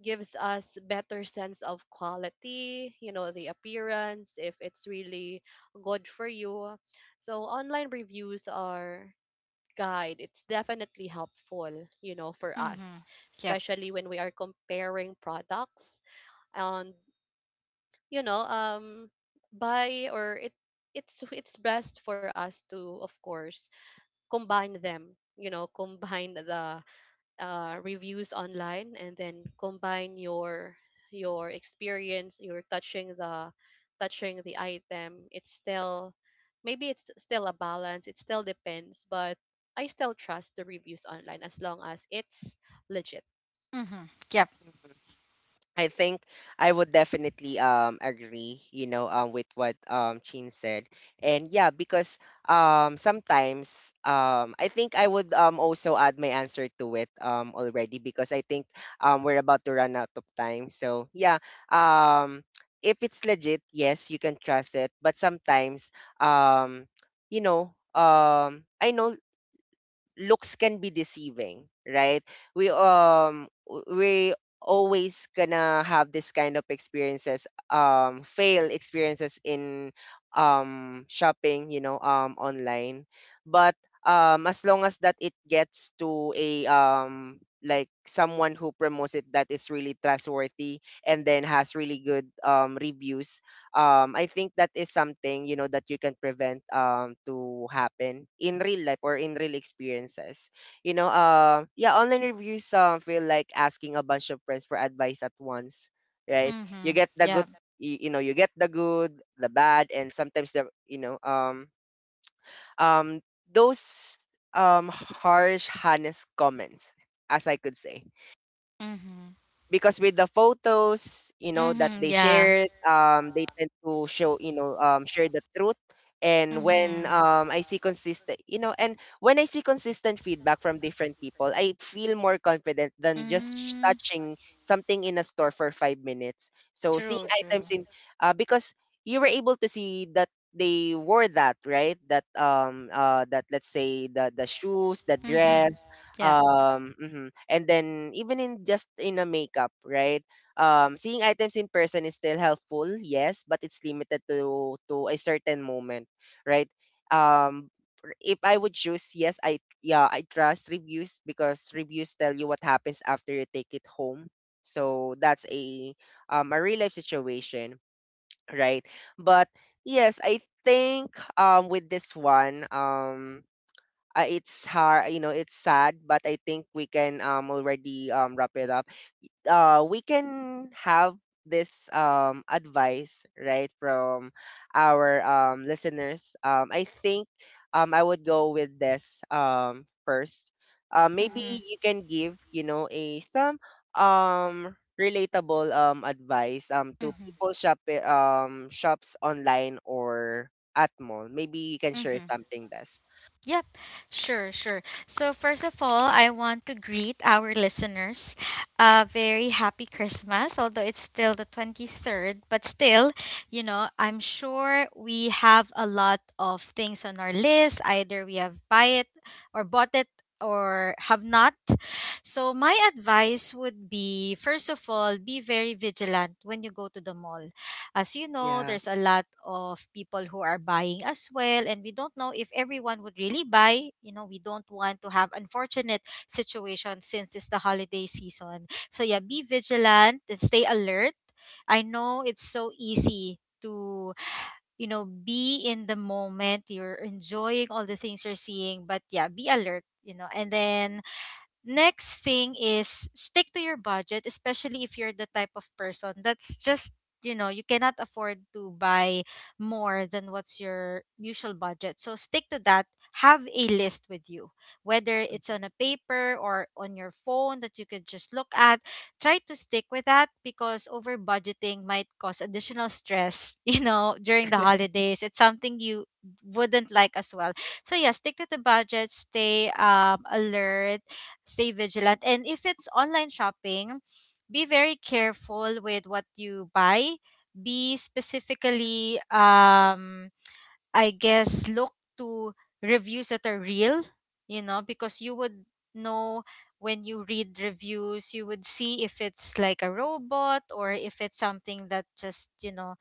Speaker 3: gives us better sense of quality, you know, the appearance, if it's really good for you. So online reviews are guide, it's definitely helpful, you know, for
Speaker 2: Mm-hmm.
Speaker 3: us,
Speaker 2: Yep.
Speaker 3: especially when we are comparing products, and, you know, buy, or it, it's best for us to, of course, combine them, you know, combine the reviews online, and then combine your experience, you're touching the, touching the item. It's still, maybe it's still a balance, it still depends. But I still trust the reviews online as long as it's legit.
Speaker 2: Mm-hmm. Yep.
Speaker 1: I think I would definitely agree, you know, with what, Chin said. And yeah, because, sometimes, I think I would, also add my answer to it, already, because I think, we're about to run out of time. So yeah, um if it's legit, yes, you can trust it. But sometimes, um you know, I know looks can be deceiving, right? We always gonna have this kind of experiences, fail experiences in, shopping, you know, online. But, as long as that it gets to a, like someone who promotes it that is really trustworthy, and then has really good, reviews, I think that is something, you know, that you can prevent, to happen in real life or in real experiences. You know, yeah, online reviews, feel like asking a bunch of friends for advice at once, right? You
Speaker 2: Mm-hmm.
Speaker 1: get the
Speaker 2: Yeah.
Speaker 1: good, you get the good, the bad, and sometimes the, you know, um those harsh, honest comments, as I could say,
Speaker 2: Mm-hmm.
Speaker 1: because with the photos, you know, that
Speaker 2: Mm-hmm.
Speaker 1: they
Speaker 2: Yeah.
Speaker 1: shared, they tend to show, you know, share the truth. And
Speaker 2: Mm-hmm.
Speaker 1: when I see consistent feedback from different people, I feel more confident than just
Speaker 2: Mm.
Speaker 1: touching something in a store for 5 minutes. So seeing
Speaker 2: True, true.
Speaker 1: items in, because you were able to see that they wore that, right? That, that, let's say, the shoes, the Mm-hmm.
Speaker 2: Mm-hmm.
Speaker 1: dress,
Speaker 2: Yeah.
Speaker 1: mhm. And then even in just in a makeup, right? Seeing items in person is still helpful, yes, but it's limited to a certain moment, right? Um, if I would choose, yes, I yeah, I trust reviews, because reviews tell you what happens after you take it home. So that's a, a real life situation, right? But yes, I think, with this one, it's hard, you know, it's sad, but I think we can, already, wrap it up. We can have this, advice, right, from our, listeners. I would go with this, first, maybe
Speaker 2: Mm-hmm.
Speaker 1: you can give, you know, a some, um relatable, advice, to
Speaker 2: Mm-hmm.
Speaker 1: people shop, shops online or at mall. Maybe you can share
Speaker 2: Mm-hmm.
Speaker 1: something. This.
Speaker 2: Yep, sure, sure. So, first of all, I want to greet our listeners. A very happy Christmas, although it's still the 23rd, but still, you know, I'm sure we have a lot of things on our list. Either we have buy it or bought it or have not. So, my advice would be first of all, be very vigilant when you go to the mall. As you know,
Speaker 1: Yeah.
Speaker 2: there's a lot of people who are buying as well, and we don't know if everyone would really buy. You know, we don't want to have unfortunate situations since it's the holiday season. So yeah, be vigilant and stay alert. I know it's so easy to, you know, be in the moment. You're enjoying all the things you're seeing, but yeah, be alert, you know. And then next thing is stick to your budget, especially if you're the type of person that's just, you know, you cannot afford to buy more than what's your usual budget. So stick to that. Have a list with you, whether it's on a paper or on your phone that you could just look at. Try to stick with that because over budgeting might cause additional stress, *laughs* you know, during the holidays. It's something you wouldn't like as well. So, yeah, stick to the budget, stay alert, stay vigilant. And if it's online shopping, be very careful with what you buy. Be specifically, I guess, look to reviews that are real, you know, because you would know when you read reviews, you would see if it's like a robot or if it's something that just, you know,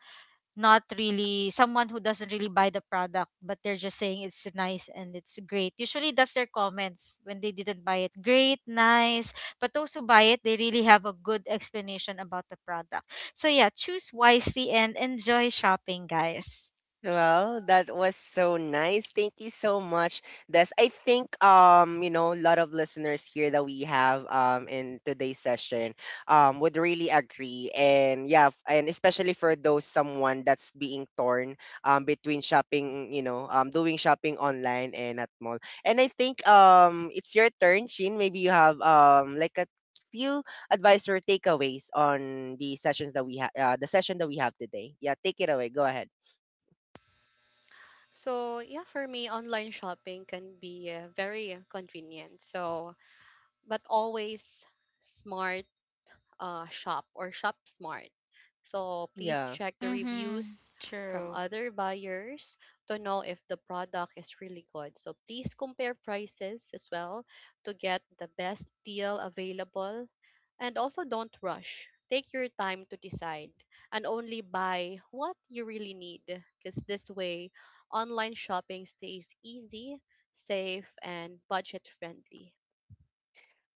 Speaker 2: not really someone who doesn't really buy the product but they're just saying it's nice and it's great. Usually that's their comments when they didn't buy it, great, nice. But those who buy it, they really have a good explanation about the product. So yeah, choose wisely and enjoy shopping, guys.
Speaker 1: Well, that was so nice. Thank you so much, Des. I think, you know, a lot of listeners here that we have, in today's session, would really agree. And yeah, and especially for those someone that's being torn, between shopping, you know, doing shopping online and at mall. And I think, it's your turn, Chin. Maybe you have, like a few advice or takeaways on the sessions that we have, the session that we have today. Yeah, take it away. Go ahead.
Speaker 3: So yeah, for me, online shopping can be very convenient. So, but always smart, shop smart. So please
Speaker 1: Yeah.
Speaker 3: check the
Speaker 2: Mm-hmm.
Speaker 3: reviews from
Speaker 2: True.
Speaker 3: other buyers to know if the product is really good. So please compare prices as well to get the best deal available. And also, don't rush. Take your time to decide, and only buy what you really need, because this way, online shopping stays easy, safe, and budget friendly.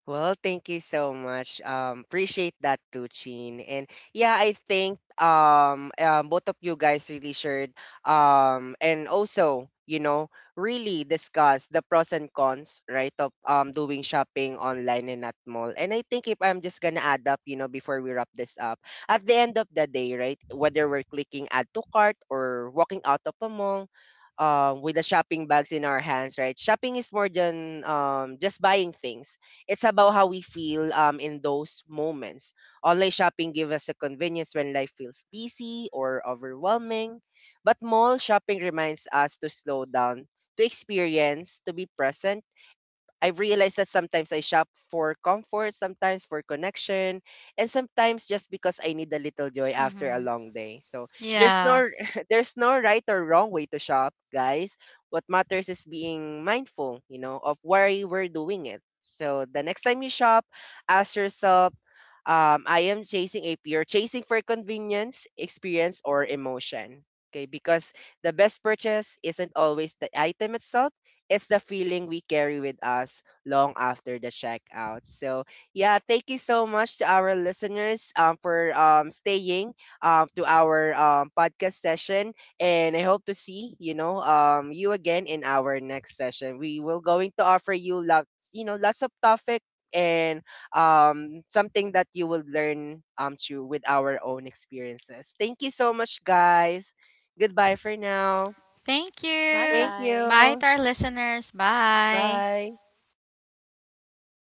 Speaker 1: Well, thank you so much. Appreciate that too, Chin. And yeah, I think, both of you guys really shared, and also, you know, really discuss the pros and cons, right, of, doing shopping online and at mall. And I think if I'm just gonna add up, you know, before we wrap this up, at the end of the day, right, whether we're clicking add to cart or walking out of a mall, with the shopping bags in our hands, right? Shopping is more than, just buying things, it's about how we feel, in those moments. Online shopping gives us the convenience when life feels busy or overwhelming, but mall shopping reminds us to slow down, to experience, to be present. I realized that sometimes I shop for comfort, sometimes for connection, and sometimes just because I need a little joy after a
Speaker 2: Mm-hmm.
Speaker 1: long day. So there's
Speaker 2: Yeah,
Speaker 1: no *laughs* there's no right or wrong way to shop, guys. What matters is being mindful, you know, of why we're doing it. So the next time you shop, ask yourself, I am chasing a pure chasing for convenience, experience, or emotion? Okay, because the best purchase isn't always the item itself, it's the feeling we carry with us long after the checkout. So yeah, thank you so much to our listeners, for, staying, to our, podcast session, and I hope to see, you know, you again in our next session. We will going to offer you lots, you know, lots of topic, and, something that you will learn, through with our own experiences. Thank you so much, guys. Goodbye for now.
Speaker 2: thank
Speaker 3: Bye,
Speaker 2: you.
Speaker 1: Thank
Speaker 3: guys.
Speaker 2: Bye
Speaker 1: you.
Speaker 2: to our listeners, bye.
Speaker 1: Bye.